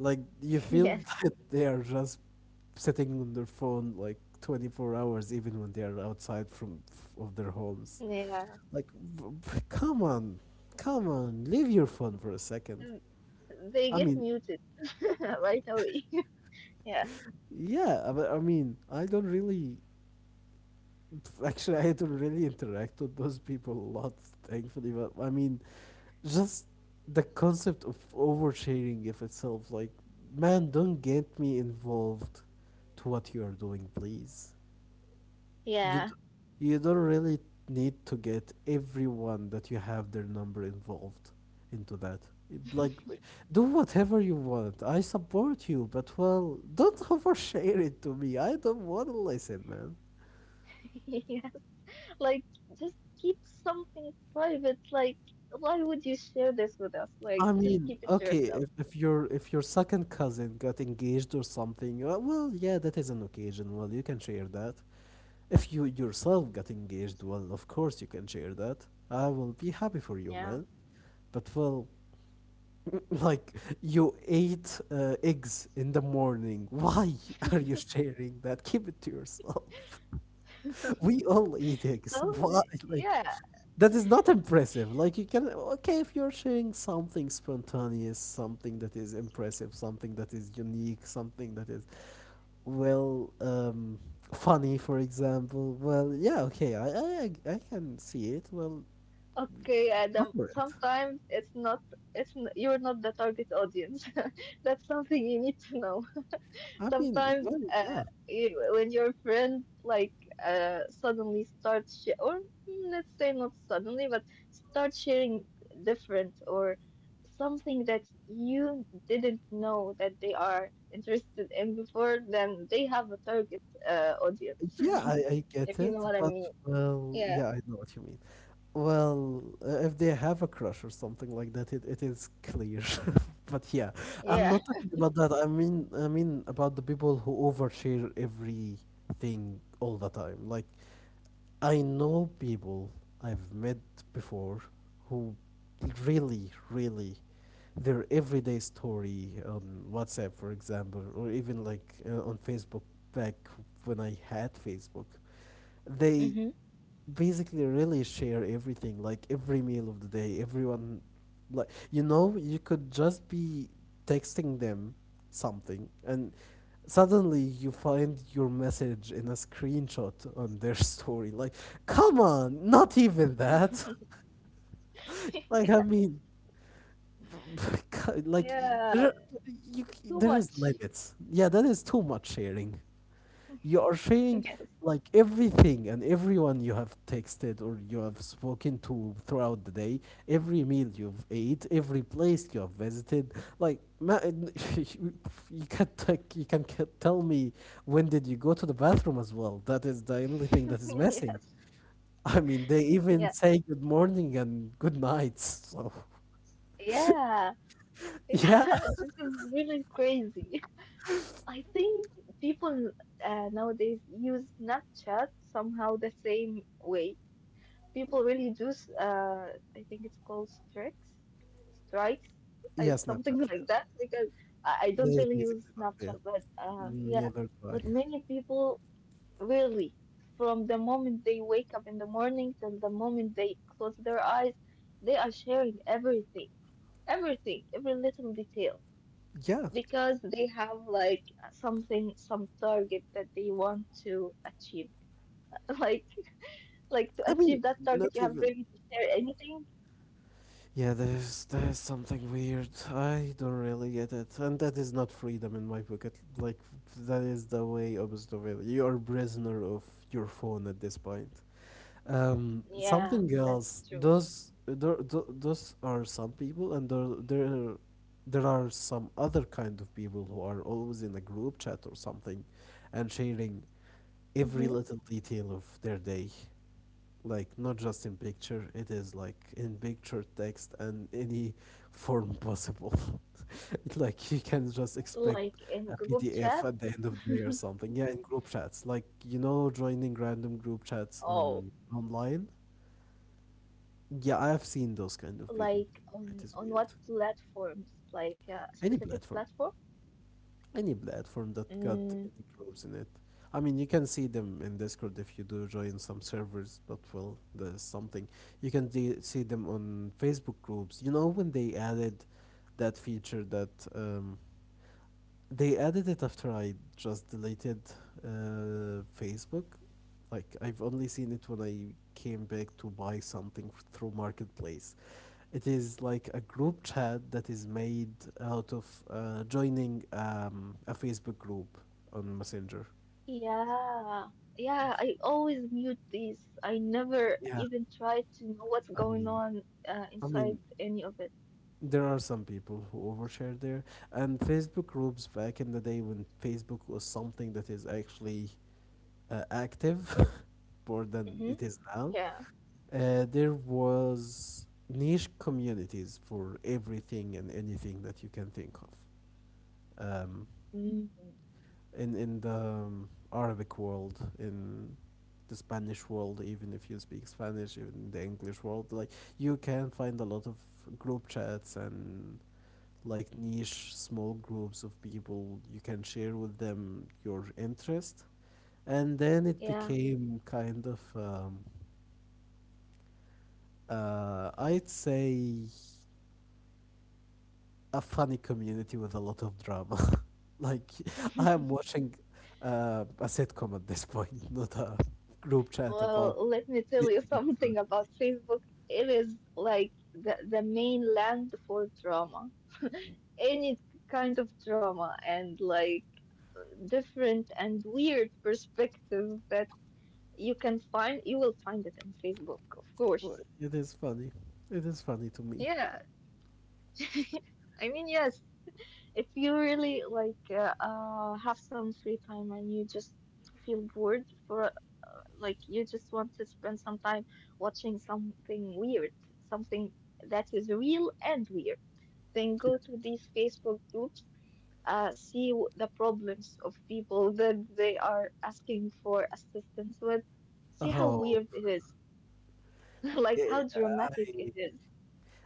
Speaker 2: Like, you feel
Speaker 1: Yes.
Speaker 2: that they are just sitting on their phone like 24 hours, even when they are outside from of their homes.
Speaker 1: Yeah.
Speaker 2: Like, come on, come on, leave your phone for a second.
Speaker 1: Mm, they
Speaker 2: I
Speaker 1: get
Speaker 2: mean,
Speaker 1: muted right away. Yeah.
Speaker 2: yeah, but I mean, I don't really. Actually, I don't really interact with those people a lot, thankfully. But I mean, just the concept of oversharing, of itself. Like, man, don't get me involved to what you are doing, please. you
Speaker 1: Yeah.
Speaker 2: d- you don't really need to get everyone that you have their number involved into that. It- Like, do whatever you want. I support you, but well, don't overshare it to me. I don't want to listen, man.
Speaker 1: Yes, like just keep something private. Like, why would you share this with us?
Speaker 2: I
Speaker 1: Like, just
Speaker 2: mean,
Speaker 1: keep it to
Speaker 2: okay,
Speaker 1: yourself.
Speaker 2: if your second cousin got engaged or something, well, yeah, that is an occasion. Well, you can share that. If you yourself got engaged, well, of course you can share that. I will be happy for you,
Speaker 1: Yeah.
Speaker 2: man. But well, like, you ate eggs in the morning. Why are you sharing that? Keep it to yourself. We all eat eggs.
Speaker 1: So,
Speaker 2: Why? Like,
Speaker 1: yeah.
Speaker 2: that is not impressive. Like, you can, okay, if you're sharing something spontaneous, something that is impressive, something that is unique, something that is, well, funny, for example. Well, yeah, okay, I can see it. Well,
Speaker 1: Okay,
Speaker 2: go
Speaker 1: Adam.
Speaker 2: for it.
Speaker 1: Sometimes it's not, it's n you're not the target audience. That's something you need to know.
Speaker 2: I mean,
Speaker 1: Sometimes
Speaker 2: well, yeah.
Speaker 1: you, when your friend like suddenly starts sh- or mm, let's say not suddenly but start sharing different or something that you didn't know that they are interested in before, then they have a target audience.
Speaker 2: Yeah, I get
Speaker 1: If you
Speaker 2: it,
Speaker 1: know what I
Speaker 2: but
Speaker 1: mean.
Speaker 2: well,
Speaker 1: Yeah.
Speaker 2: yeah, I know what you mean. Well, if they have a crush or something like that, it is clear. But yeah, I'm
Speaker 1: Yeah.
Speaker 2: not talking about that. I mean about the people who overshare everything all the time. Like I know people I've met before who really, really, their everyday story on WhatsApp, for example, or even like on Facebook back when I had Facebook, they
Speaker 1: Hmm.
Speaker 2: basically really share everything like every meal of the day everyone like you know you could just be texting them something and suddenly you find your message in a screenshot on their story like come on not even that like i mean like y- there,
Speaker 1: Yeah,
Speaker 2: are-
Speaker 1: too
Speaker 2: there is
Speaker 1: much.
Speaker 2: limits, yeah, that is too much sharing. You are sharing
Speaker 1: Yes.
Speaker 2: like everything and everyone you have texted or you have spoken to throughout the day, every meal you've ate, every place you have visited. Like, you can take, you can tell me when did you go to the bathroom as well. That is the only thing that is missing.
Speaker 1: Yes.
Speaker 2: I mean, they even
Speaker 1: Yeah.
Speaker 2: say good morning and good nights. So,
Speaker 1: Yeah.
Speaker 2: yeah,
Speaker 1: This is really crazy. I think people nowadays use Snapchat somehow the same way. People really do, s- I think it's called strikes, strikes,
Speaker 2: yeah, Snapchat.
Speaker 1: something
Speaker 2: Yeah,
Speaker 1: like that, because I
Speaker 2: this
Speaker 1: don't
Speaker 2: is
Speaker 1: really
Speaker 2: basically
Speaker 1: use
Speaker 2: the idea.
Speaker 1: Snapchat, but yeah,
Speaker 2: Never
Speaker 1: but
Speaker 2: try.
Speaker 1: many people really, from the moment they wake up in the morning till the moment they close their eyes, they are sharing everything, everything, every little detail,
Speaker 2: Yeah,
Speaker 1: because they have like something, some target that they want to achieve. like like to achieve
Speaker 2: I
Speaker 1: that
Speaker 2: mean,
Speaker 1: target you have
Speaker 2: not
Speaker 1: really to
Speaker 2: even.
Speaker 1: share anything.
Speaker 2: Yeah, there's something weird. I don't really get it, and that is not freedom in my book. Like that is the way opposite of it. You are prisoner of your phone at this point.
Speaker 1: Yeah, that's
Speaker 2: Something
Speaker 1: true.
Speaker 2: else. Those are some people, and there are some other kind of people who are always in a group chat or something, and sharing
Speaker 1: Hmm.
Speaker 2: every little detail of their day, like not just in picture, it is like in picture, text, and any form possible. It's like you can just
Speaker 1: Like in
Speaker 2: expect
Speaker 1: group
Speaker 2: a
Speaker 1: chat.
Speaker 2: PDF at the end of the day or something. Yeah, in group chats, like joining
Speaker 1: Oh.
Speaker 2: random group chats on online. Yeah, I have seen those
Speaker 1: Like
Speaker 2: kind of people.
Speaker 1: on what
Speaker 2: It is weird.
Speaker 1: platforms, like a specific
Speaker 2: Any
Speaker 1: platform?
Speaker 2: platform. Any platform
Speaker 1: Mm.
Speaker 2: that got any groups in it. I mean, you can see them in Discord if you do join some servers, but well, there's something. You can see them on Facebook groups. You know, when they added that feature, that they added it after I just deleted Facebook. Like, I've only seen it when I came back to buy something through marketplace. It is like a group chat that is made out of joining a Facebook group on Messenger.
Speaker 1: Yeah, yeah I always mute these, I never
Speaker 2: Yeah,
Speaker 1: even try to know what's
Speaker 2: I
Speaker 1: going
Speaker 2: mean,
Speaker 1: on
Speaker 2: I
Speaker 1: inside
Speaker 2: mean,
Speaker 1: any of it.
Speaker 2: there are some people who overshare there, and Facebook groups back in the day, when Facebook was something that is actually active more than
Speaker 1: Hmm.
Speaker 2: it is now.
Speaker 1: Yeah.
Speaker 2: There was niche communities for everything and anything that you can think of. um,
Speaker 1: Mm,
Speaker 2: in the Arabic world, in the Spanish world, even if you speak Spanish, even in the English world, like you can find a lot of group chats and like niche small groups of people you can share with them your interest. And then it
Speaker 1: yeah.
Speaker 2: became kind of I'd say a funny community with a lot of drama. Like, I am watching a sitcom at this point, not a group chat about
Speaker 1: Well, let me tell
Speaker 2: video
Speaker 1: you
Speaker 2: games or
Speaker 1: something
Speaker 2: anything.
Speaker 1: about Facebook. It is like the mainland for drama. Any kind of drama and like different and weird perspectives that you can find, you will find it on Facebook, of
Speaker 2: Well,
Speaker 1: course.
Speaker 2: it is funny. It is funny to me.
Speaker 1: Yeah. I mean, yes, if you really like have some free time and you just feel bored for like you just want to spend some time watching something weird, something that is real and weird, then
Speaker 2: Yeah.
Speaker 1: go to these Facebook groups, see w- the problems of people that they are asking for assistance with, see how weird
Speaker 2: Oh,
Speaker 1: it is, like
Speaker 2: eh,
Speaker 1: how dramatic it
Speaker 2: I
Speaker 1: is.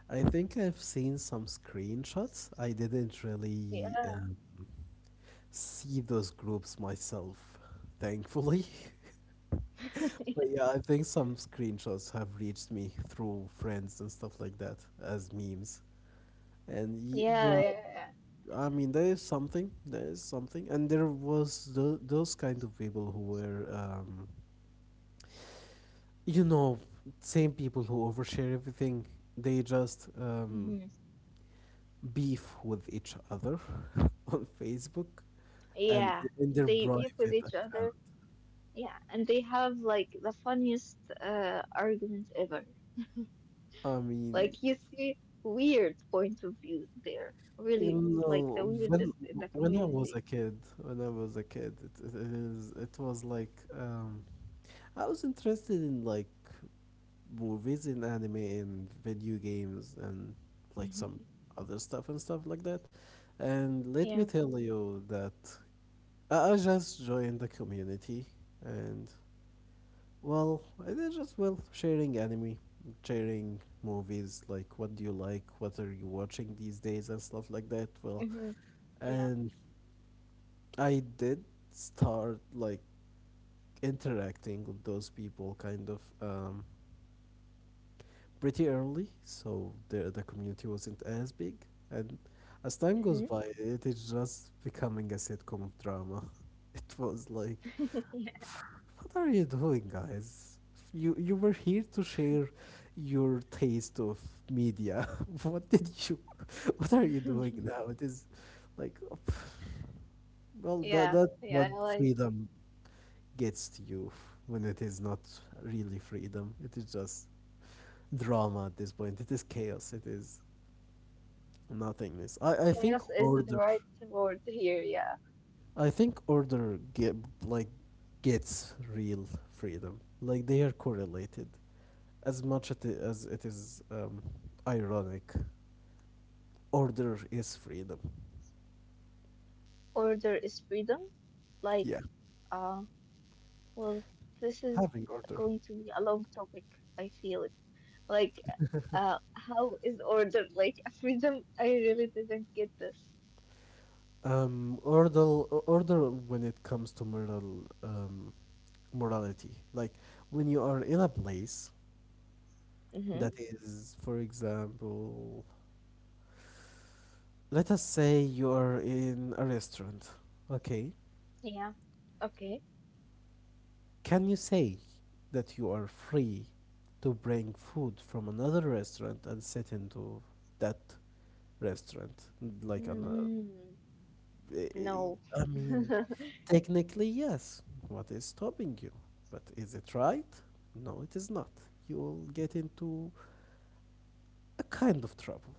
Speaker 2: I think I've seen some screenshots. I didn't really
Speaker 1: Yeah,
Speaker 2: see those groups myself, thankfully.
Speaker 1: yeah,
Speaker 2: But yeah, I think some screenshots have reached me through friends and stuff like that as memes. And y
Speaker 1: yeah,
Speaker 2: well,
Speaker 1: yeah.
Speaker 2: I mean, there is something, and there was the those kind of people who were, you know, same people who overshare everything. They just
Speaker 1: hmm
Speaker 2: beef with each other on Facebook and
Speaker 1: Yeah,
Speaker 2: in their
Speaker 1: they beef with
Speaker 2: private
Speaker 1: each
Speaker 2: account.
Speaker 1: other. Yeah, and they have like the funniest arguments ever.
Speaker 2: I mean,
Speaker 1: Like you see weird point of views there.
Speaker 2: you
Speaker 1: Really, it's like the
Speaker 2: know,
Speaker 1: weirdest in the
Speaker 2: when I was
Speaker 1: community.
Speaker 2: a kid, when I was a kid, it was like, I was interested in like movies and anime and video games and like some
Speaker 1: Hmm
Speaker 2: other stuff and stuff like that. And let me
Speaker 1: Yeah.
Speaker 2: tell you that I just joined the community. And well, I did just well sharing anime, sharing movies, like what do you like, what are you watching these days and stuff like that. Well.
Speaker 1: hmm Yeah.
Speaker 2: And I did start like interacting with those people kind of pretty early, so the community wasn't as big. And as time goes
Speaker 1: hmm
Speaker 2: by, it is just becoming a sitcom of drama. It was like,
Speaker 1: Yeah.
Speaker 2: what are you doing, guys? You were here to share your taste of media. What did you? What are you doing now? It is like, well, that
Speaker 1: Yeah.
Speaker 2: that's
Speaker 1: Yeah.
Speaker 2: what
Speaker 1: Like
Speaker 2: freedom gets to you when it is not really freedom. It is just drama at this point. It is chaos. It is nothingness. I think
Speaker 1: chaos is the
Speaker 2: order.
Speaker 1: right word here. Yeah.
Speaker 2: I think order get like gets real freedom. Like they are correlated. As much at it, as it is, ironic, order is freedom.
Speaker 1: Order is freedom. Like,
Speaker 2: Yeah,
Speaker 1: uh. Well, this is
Speaker 2: having order.
Speaker 1: going to be a long topic. I feel it. Like, how is order like a freedom? I really didn't get this.
Speaker 2: Order, order, when it comes to moral, morality. Like, when you are in a place
Speaker 1: Mm-hmm.
Speaker 2: that is, for example, let us say you are in a restaurant. Okay.
Speaker 1: Yeah. Okay.
Speaker 2: Can you say that you are free to bring food from another restaurant and sit into that restaurant? Like on a,
Speaker 1: Mm, no.
Speaker 2: I mean, technically, yes. What is stopping you? But is it right? No, it is not. You will get into a kind of trouble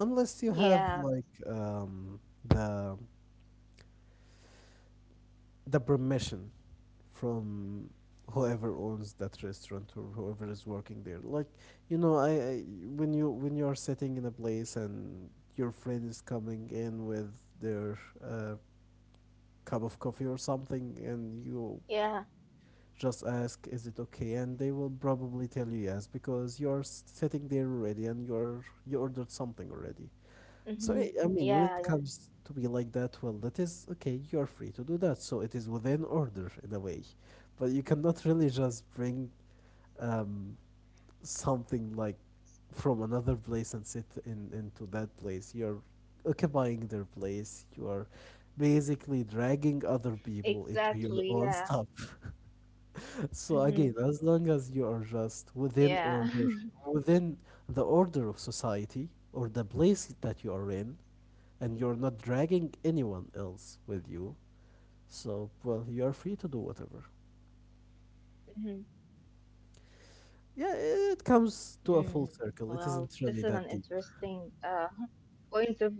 Speaker 2: unless you have
Speaker 1: Yeah.
Speaker 2: like um, the permission from whoever owns that restaurant or whoever is working there. Like, you know, I when you are sitting in a place and your friend is coming in with their uh, cup of coffee or something, and you
Speaker 1: Yeah.
Speaker 2: just ask is it okay, and they will probably tell you yes, because you're sitting there already and you're you ordered something already. So
Speaker 1: Mm-hmm.
Speaker 2: I mean, when it
Speaker 1: Yeah. Yeah.
Speaker 2: comes to be like that, well, that is okay. You are free to do that, so it is within order in a way, but you cannot really just bring um, something like from another place and sit in into that place. You're occupying their place. You are basically dragging other people into your
Speaker 1: Exactly.
Speaker 2: own
Speaker 1: Yeah.
Speaker 2: stuff. So
Speaker 1: Mm-hmm.
Speaker 2: again, as long as you are just within
Speaker 1: Yeah.
Speaker 2: order, within the order of society or the place that you are in, and you're not dragging anyone
Speaker 1: Mm-hmm.
Speaker 2: else with you,
Speaker 1: Yeah.
Speaker 2: so well, you are free to do whatever.
Speaker 1: Mm-hmm.
Speaker 2: Yeah, it
Speaker 1: Mm.
Speaker 2: comes to a full
Speaker 1: Well, this
Speaker 2: circle.
Speaker 1: is
Speaker 2: It
Speaker 1: an
Speaker 2: isn't really that deep.
Speaker 1: interesting point of view.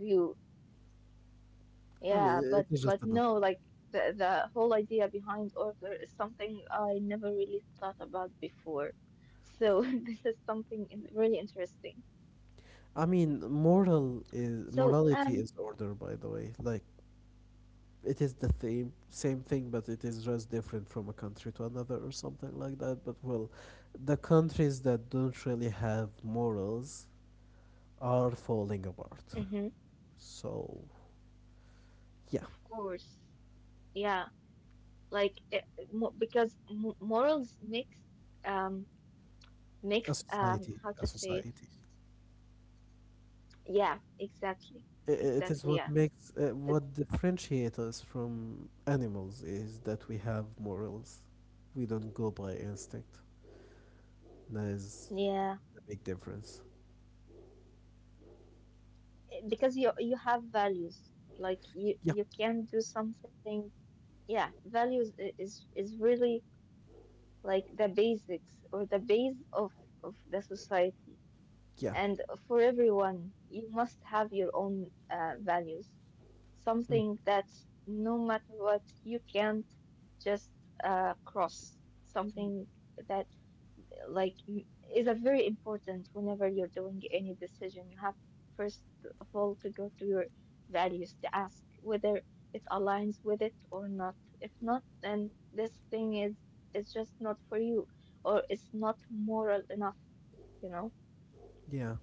Speaker 1: Yeah,
Speaker 2: I mean, it
Speaker 1: but
Speaker 2: is just
Speaker 1: no,
Speaker 2: another.
Speaker 1: like the whole idea behind order is something I never really thought about before. So this is something really interesting.
Speaker 2: I mean, morality
Speaker 1: So
Speaker 2: is order, by the way. Like, it is the same thing, but it is just different from a country to another or something like that. But well, the countries that don't really have morals are falling apart.
Speaker 1: hmm
Speaker 2: So yeah,
Speaker 1: of course, yeah, like it, mo because m morals mix um mix
Speaker 2: a
Speaker 1: how to say it?
Speaker 2: society.
Speaker 1: Yeah, exactly,
Speaker 2: I- It is what
Speaker 1: exactly. Yeah,
Speaker 2: makes, what
Speaker 1: it's
Speaker 2: differentiates us from animals is that we have morals. We don't go by instinct. That is
Speaker 1: yeah,
Speaker 2: the big difference.
Speaker 1: because you have values. Like you
Speaker 2: Yeah,
Speaker 1: you can do something, yeah values is really like the basics or the base of the society,
Speaker 2: yeah,
Speaker 1: and for everyone you must have your own values,
Speaker 2: mm,
Speaker 1: something that no matter what you can't just cross, something that like is that very important. Whenever you're doing any decision you have first of all to go to your values, to ask whether it aligns with it or not. If not, then this thing is just not for you, or it's not moral enough, you know.
Speaker 2: yeah,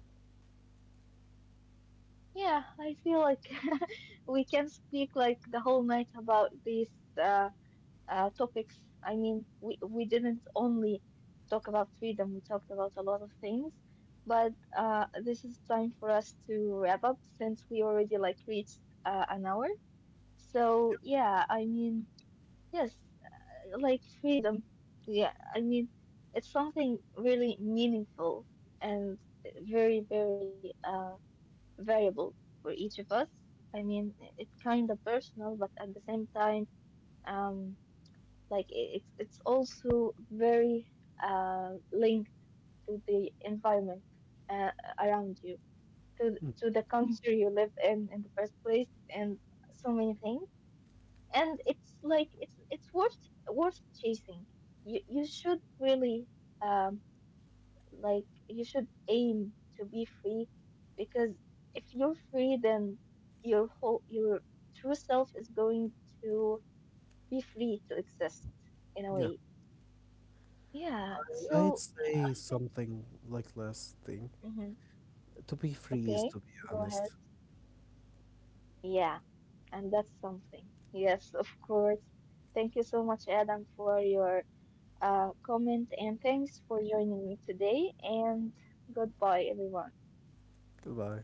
Speaker 1: Yeah. I feel like we can speak like the whole night about these topics. I mean, we didn't only talk about freedom, we talked about a lot of things. But this is time for us to wrap up since we already like reached an hour. So yeah, I mean, yes, like freedom. Yeah, I mean, it's something really meaningful and very, very variable for each of us. I mean, it's kind of personal, but at the same time, um, like it's also very linked to the environment uh, around you,
Speaker 2: mm,
Speaker 1: to the country you live in the first place, and so many things. And it's like it's worth worth chasing. You should really um like you should aim to be free, because if you're free, then your true self is going to be free to exist in a
Speaker 2: yeah.
Speaker 1: way. Yeah,
Speaker 2: I'd
Speaker 1: so
Speaker 2: say
Speaker 1: I think,
Speaker 2: something like last thing.
Speaker 1: mhm,
Speaker 2: To be free is
Speaker 1: okay,
Speaker 2: to be
Speaker 1: go
Speaker 2: honest.
Speaker 1: ahead. Yeah, and that's something. Yes, of course. Thank you so much, Adam, for your comment, and thanks for joining me today. And goodbye, everyone.
Speaker 2: Goodbye.